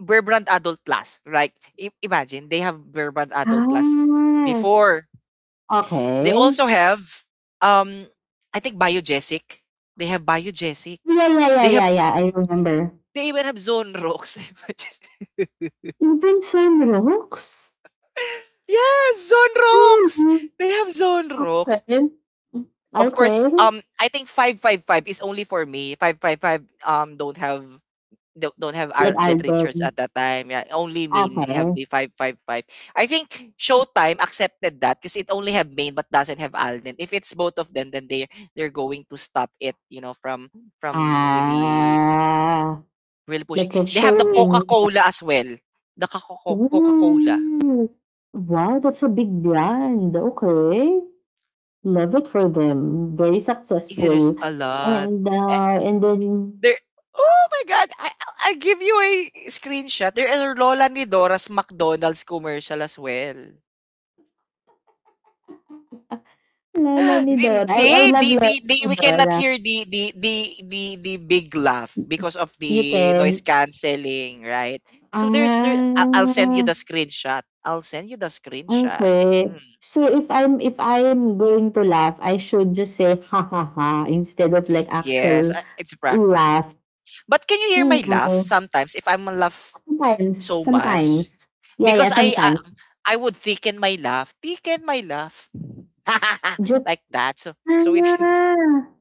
[SPEAKER 1] Bear Brand Adult Plus. Like i- imagine they have Bear Brand Adult Plus
[SPEAKER 2] Ah,
[SPEAKER 1] before. They
[SPEAKER 2] okay.
[SPEAKER 1] also have um I think Biogesic. They have Biogesic.
[SPEAKER 2] Yeah, yeah, yeah,
[SPEAKER 1] They have
[SPEAKER 2] yeah, yeah. I remember.
[SPEAKER 1] they even have Zone Rocks.
[SPEAKER 2] Even some rocks?
[SPEAKER 1] Yes, Zone Rocks.
[SPEAKER 2] Really?
[SPEAKER 1] They have Zone Rocks.
[SPEAKER 2] Okay.
[SPEAKER 1] Of course,
[SPEAKER 2] Okay.
[SPEAKER 1] um, I think five five five is only for me. Five five five um don't have don't don't have
[SPEAKER 2] Like
[SPEAKER 1] Arden Richards
[SPEAKER 2] Alden.
[SPEAKER 1] at that time. Yeah, only main have
[SPEAKER 2] Okay.
[SPEAKER 1] the five five five. I think Showtime accepted that because it only have main but doesn't have Alden. If it's both of them, then they they're going to stop it. You know, from from really
[SPEAKER 2] Ah.
[SPEAKER 1] really pushing.
[SPEAKER 2] Like it's
[SPEAKER 1] They have the Coca
[SPEAKER 2] showing.
[SPEAKER 1] Cola as well. The Coca Cola.
[SPEAKER 2] Ooh. Wow, that's a big brand. Okay. Love it for them. Very
[SPEAKER 1] There's
[SPEAKER 2] successful.
[SPEAKER 1] a lot.
[SPEAKER 2] And uh, and then
[SPEAKER 1] There Oh my God! I I give you a screenshot. There are Lola ni Dora's McDonald's commercial as well.
[SPEAKER 2] Lala ni
[SPEAKER 1] Then,
[SPEAKER 2] Dora. I, I
[SPEAKER 1] see,
[SPEAKER 2] love
[SPEAKER 1] the,
[SPEAKER 2] Lala
[SPEAKER 1] the, the,
[SPEAKER 2] ni
[SPEAKER 1] we cannot
[SPEAKER 2] Dora.
[SPEAKER 1] hear the, the, the, the, the big laugh because of
[SPEAKER 2] You
[SPEAKER 1] the noise
[SPEAKER 2] can.
[SPEAKER 1] cancelling, right? So there's there. I- I'll send you
[SPEAKER 2] Ah.
[SPEAKER 1] the screenshot. I'll send you the screenshot.
[SPEAKER 2] Okay.
[SPEAKER 1] Mm.
[SPEAKER 2] So if I'm if I'm going to laugh, I should just say ha ha ha instead of like
[SPEAKER 1] Yes,
[SPEAKER 2] actual
[SPEAKER 1] I- it's practicing.
[SPEAKER 2] laugh.
[SPEAKER 1] But can you hear my laugh
[SPEAKER 2] No.
[SPEAKER 1] sometimes if I'm laugh
[SPEAKER 2] Sometimes,
[SPEAKER 1] so much?
[SPEAKER 2] sometimes. Yeah, yeah,
[SPEAKER 1] Because I, I
[SPEAKER 2] sometimes.
[SPEAKER 1] I would thicken my laugh. Thicken my laugh.
[SPEAKER 2] Just,
[SPEAKER 1] Like that. So so it can
[SPEAKER 2] ah.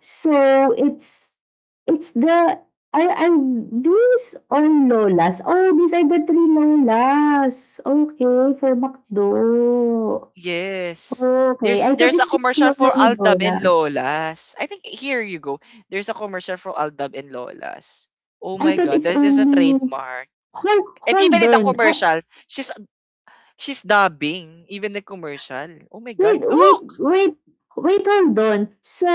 [SPEAKER 2] So it's it's the are are these all lolas? Oh, these are the three lolas. Okay, for McDo.
[SPEAKER 1] yes.
[SPEAKER 2] Okay,
[SPEAKER 1] There's
[SPEAKER 2] I thought
[SPEAKER 1] there's a
[SPEAKER 2] it's just
[SPEAKER 1] commercial
[SPEAKER 2] Lola
[SPEAKER 1] for
[SPEAKER 2] ni
[SPEAKER 1] Aldab and
[SPEAKER 2] Dora.
[SPEAKER 1] Lolas. I think here you go. There's a commercial for Aldab and Lolas. Oh
[SPEAKER 2] I
[SPEAKER 1] my
[SPEAKER 2] thought
[SPEAKER 1] god,
[SPEAKER 2] it's
[SPEAKER 1] that's just a
[SPEAKER 2] only...
[SPEAKER 1] trademark.
[SPEAKER 2] Hold,
[SPEAKER 1] And even
[SPEAKER 2] hold
[SPEAKER 1] in the
[SPEAKER 2] on. Ah,
[SPEAKER 1] commercial, she's she's dubbing even the commercial. Oh my god,
[SPEAKER 2] wait, wait,
[SPEAKER 1] look.
[SPEAKER 2] wait. Wait, hold on. So,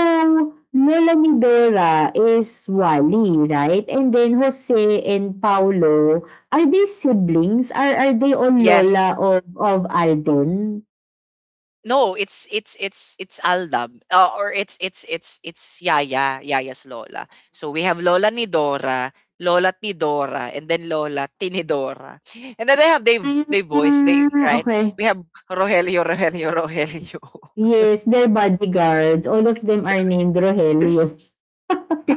[SPEAKER 2] Lola ni Vera is Wally, right? And then Jose and Paolo, are they siblings? Are are they all
[SPEAKER 1] Yes.
[SPEAKER 2] Lola of, of Alden?
[SPEAKER 1] No, it's it's it's it's Aldab. Uh, or it's it's it's it's Yaya, Yaya's lola. So we have Lola ni Dora, Lola ni Dora, and then Lola Tinidora. And then they have they they boys, they,
[SPEAKER 2] Ah,
[SPEAKER 1] right?
[SPEAKER 2] okay.
[SPEAKER 1] We have Rogelio, Rogelio, Rogelio.
[SPEAKER 2] Yes, they're bodyguards. All of them are named Rogelio. Rogelio,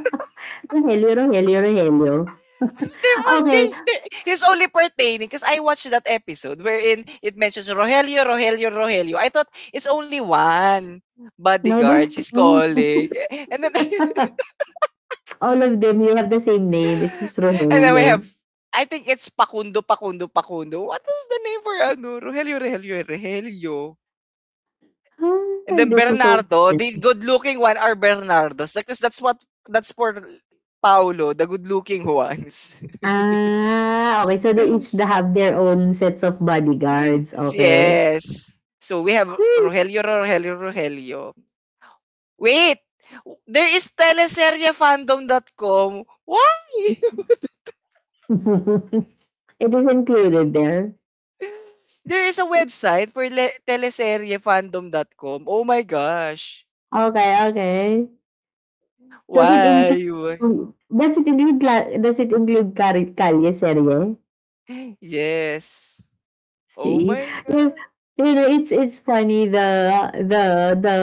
[SPEAKER 2] Rogelio, Rogelio.
[SPEAKER 1] there was they,
[SPEAKER 2] Okay,
[SPEAKER 1] they it's only pertaining because I watched that episode wherein it mentions Rogelio, Rogelio, Rogelio. I thought it's only one
[SPEAKER 2] no, there's
[SPEAKER 1] bodyguard she's
[SPEAKER 2] three.
[SPEAKER 1] calling. And then
[SPEAKER 2] All of them, you have the same name. It's just
[SPEAKER 1] And then we have
[SPEAKER 2] Rogelio.
[SPEAKER 1] I think it's Pakundo, Pakundo, Pakundo. What is the name for ano? Rogelio, Rogelio, Rogelio. And
[SPEAKER 2] Hi,
[SPEAKER 1] then
[SPEAKER 2] this is so
[SPEAKER 1] Bernardo,
[SPEAKER 2] fun.
[SPEAKER 1] the good-looking one are Bernardos because that's what that's for Paulo, the good-looking ones.
[SPEAKER 2] Ah, okay. So they each have their own sets of bodyguards. Okay.
[SPEAKER 1] Yes. So we have
[SPEAKER 2] Whew.
[SPEAKER 1] Rogelio, Rogelio, Rogelio. Wait. There is teleseriefandom dot Com. Why?
[SPEAKER 2] It is included there.
[SPEAKER 1] There is a website for le- teleseriefandom dot Com. Oh my gosh.
[SPEAKER 2] Okay, okay. Does it include,
[SPEAKER 1] Why?
[SPEAKER 2] does it include Cla- does it include Cari- Calle Serie?
[SPEAKER 1] Yes. Oh
[SPEAKER 2] See?
[SPEAKER 1] my
[SPEAKER 2] You,
[SPEAKER 1] god.
[SPEAKER 2] you know, it's it's funny the the the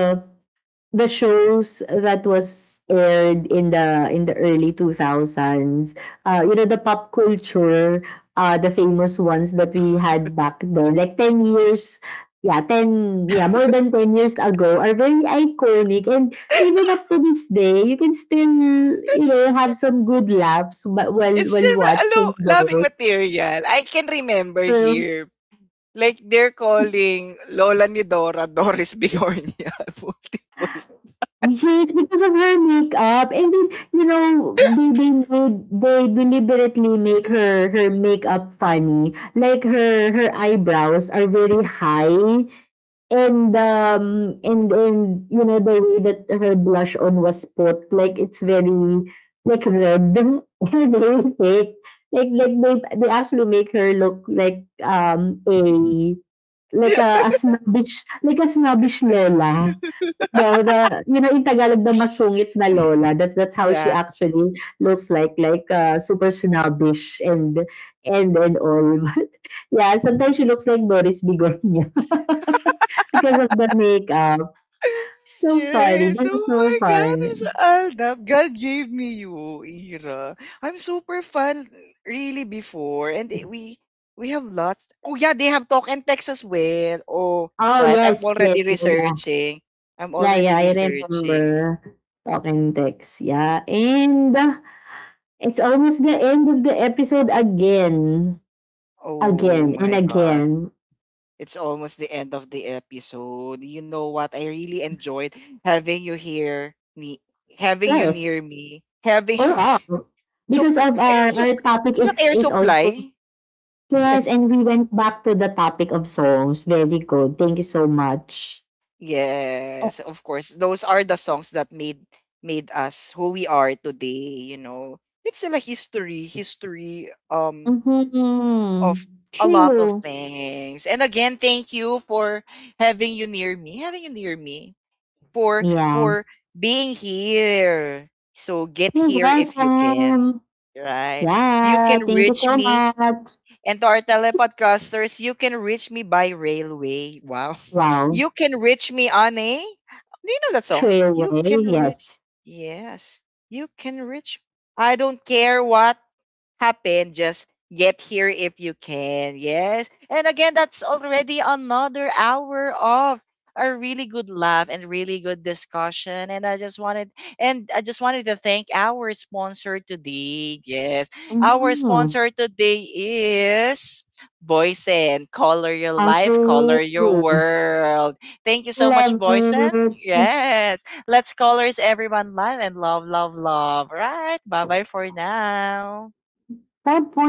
[SPEAKER 2] the shows that was aired in the in the early two thousands, uh you know, the pop culture, uh the famous ones that we had back then, like ten years, yeah, ten, yeah, more than ten years ago, are very iconic. And even up to this day you can still, you
[SPEAKER 1] It's
[SPEAKER 2] know, have some good laughs, but while
[SPEAKER 1] it's
[SPEAKER 2] while
[SPEAKER 1] still a
[SPEAKER 2] watching
[SPEAKER 1] lo- loving
[SPEAKER 2] those,
[SPEAKER 1] material. I can remember
[SPEAKER 2] so...
[SPEAKER 1] here. Like they're calling Lola ni Dora Doris Bigornia multiple.
[SPEAKER 2] Yes, because of her makeup, and then, you know, they they made they deliberately make her her makeup funny. Like her her eyebrows are very high, and um and and you know the way that her blush on was put, like it's very like red and very thick. Like like they they actually make her look like um a Like a a snobbish, like a snobbish lola. You know, the, you know, in Tagalog na masungit na lola, that's that's how she
[SPEAKER 1] Yeah.
[SPEAKER 2] actually looks like, like, uh, super snobbish and and and all. But yeah, sometimes she looks like Doris Bigonya because of the makeup. So funny,
[SPEAKER 1] Yes.
[SPEAKER 2] this is
[SPEAKER 1] Oh
[SPEAKER 2] so
[SPEAKER 1] my God.
[SPEAKER 2] fun.
[SPEAKER 1] I'm so Aldap. God gave me you, Ira. I'm super fan really before. And it- we we have lots. Oh yeah, they have talk and text as well. Oh,
[SPEAKER 2] Oh,
[SPEAKER 1] right. I'm
[SPEAKER 2] yes, yes,
[SPEAKER 1] already
[SPEAKER 2] yeah, yeah.
[SPEAKER 1] researching. I'm
[SPEAKER 2] Yeah,
[SPEAKER 1] already
[SPEAKER 2] yeah, I
[SPEAKER 1] researching.
[SPEAKER 2] remember talking text, yeah. And it's almost the end of the episode again,
[SPEAKER 1] Oh
[SPEAKER 2] again, and
[SPEAKER 1] my God.
[SPEAKER 2] again.
[SPEAKER 1] It's almost the end of the episode. You know what? I really enjoyed having you here, me having you
[SPEAKER 2] Yes,
[SPEAKER 1] near me.
[SPEAKER 2] or
[SPEAKER 1] Having
[SPEAKER 2] all.
[SPEAKER 1] so
[SPEAKER 2] Because of
[SPEAKER 1] air am
[SPEAKER 2] our,
[SPEAKER 1] so
[SPEAKER 2] our topic
[SPEAKER 1] is that
[SPEAKER 2] is
[SPEAKER 1] air
[SPEAKER 2] is also,
[SPEAKER 1] supply?
[SPEAKER 2] yes,
[SPEAKER 1] Yes.
[SPEAKER 2] and we went back to the topic of songs. Very good. Thank you so much.
[SPEAKER 1] Yes, of course. Those are the songs that made made us who we are today, you know. It's still a history, history um of
[SPEAKER 2] Mm-hmm.
[SPEAKER 1] a lot of
[SPEAKER 2] True.
[SPEAKER 1] things. And again, thank you for having you near me, having you near me for
[SPEAKER 2] Yeah.
[SPEAKER 1] for being here. So get
[SPEAKER 2] You're
[SPEAKER 1] here if you can.
[SPEAKER 2] welcome.
[SPEAKER 1] Right? You
[SPEAKER 2] Yeah.
[SPEAKER 1] can
[SPEAKER 2] Thank you
[SPEAKER 1] reach
[SPEAKER 2] so
[SPEAKER 1] me
[SPEAKER 2] much.
[SPEAKER 1] And to our telepodcasters, you can reach me by railway. Wow.
[SPEAKER 2] Wow.
[SPEAKER 1] You can reach me on a. Do you know that song? You can
[SPEAKER 2] Trailway. Yes.
[SPEAKER 1] reach. Yes. You can reach. I don't care what happen. Just get here if you can. Yes. And again, that's already another hour of a really good laugh and really good discussion. And I just wanted and I just wanted to thank our sponsor today. Yes. Our
[SPEAKER 2] Mm-hmm.
[SPEAKER 1] sponsor today is Boysen. Color your
[SPEAKER 2] I
[SPEAKER 1] life, color your world. Thank you so much,
[SPEAKER 2] love
[SPEAKER 1] Boysen.
[SPEAKER 2] it.
[SPEAKER 1] Yes. Let's colors everyone live and love, love, love. Right. Bye bye for now.
[SPEAKER 2] 拜拜。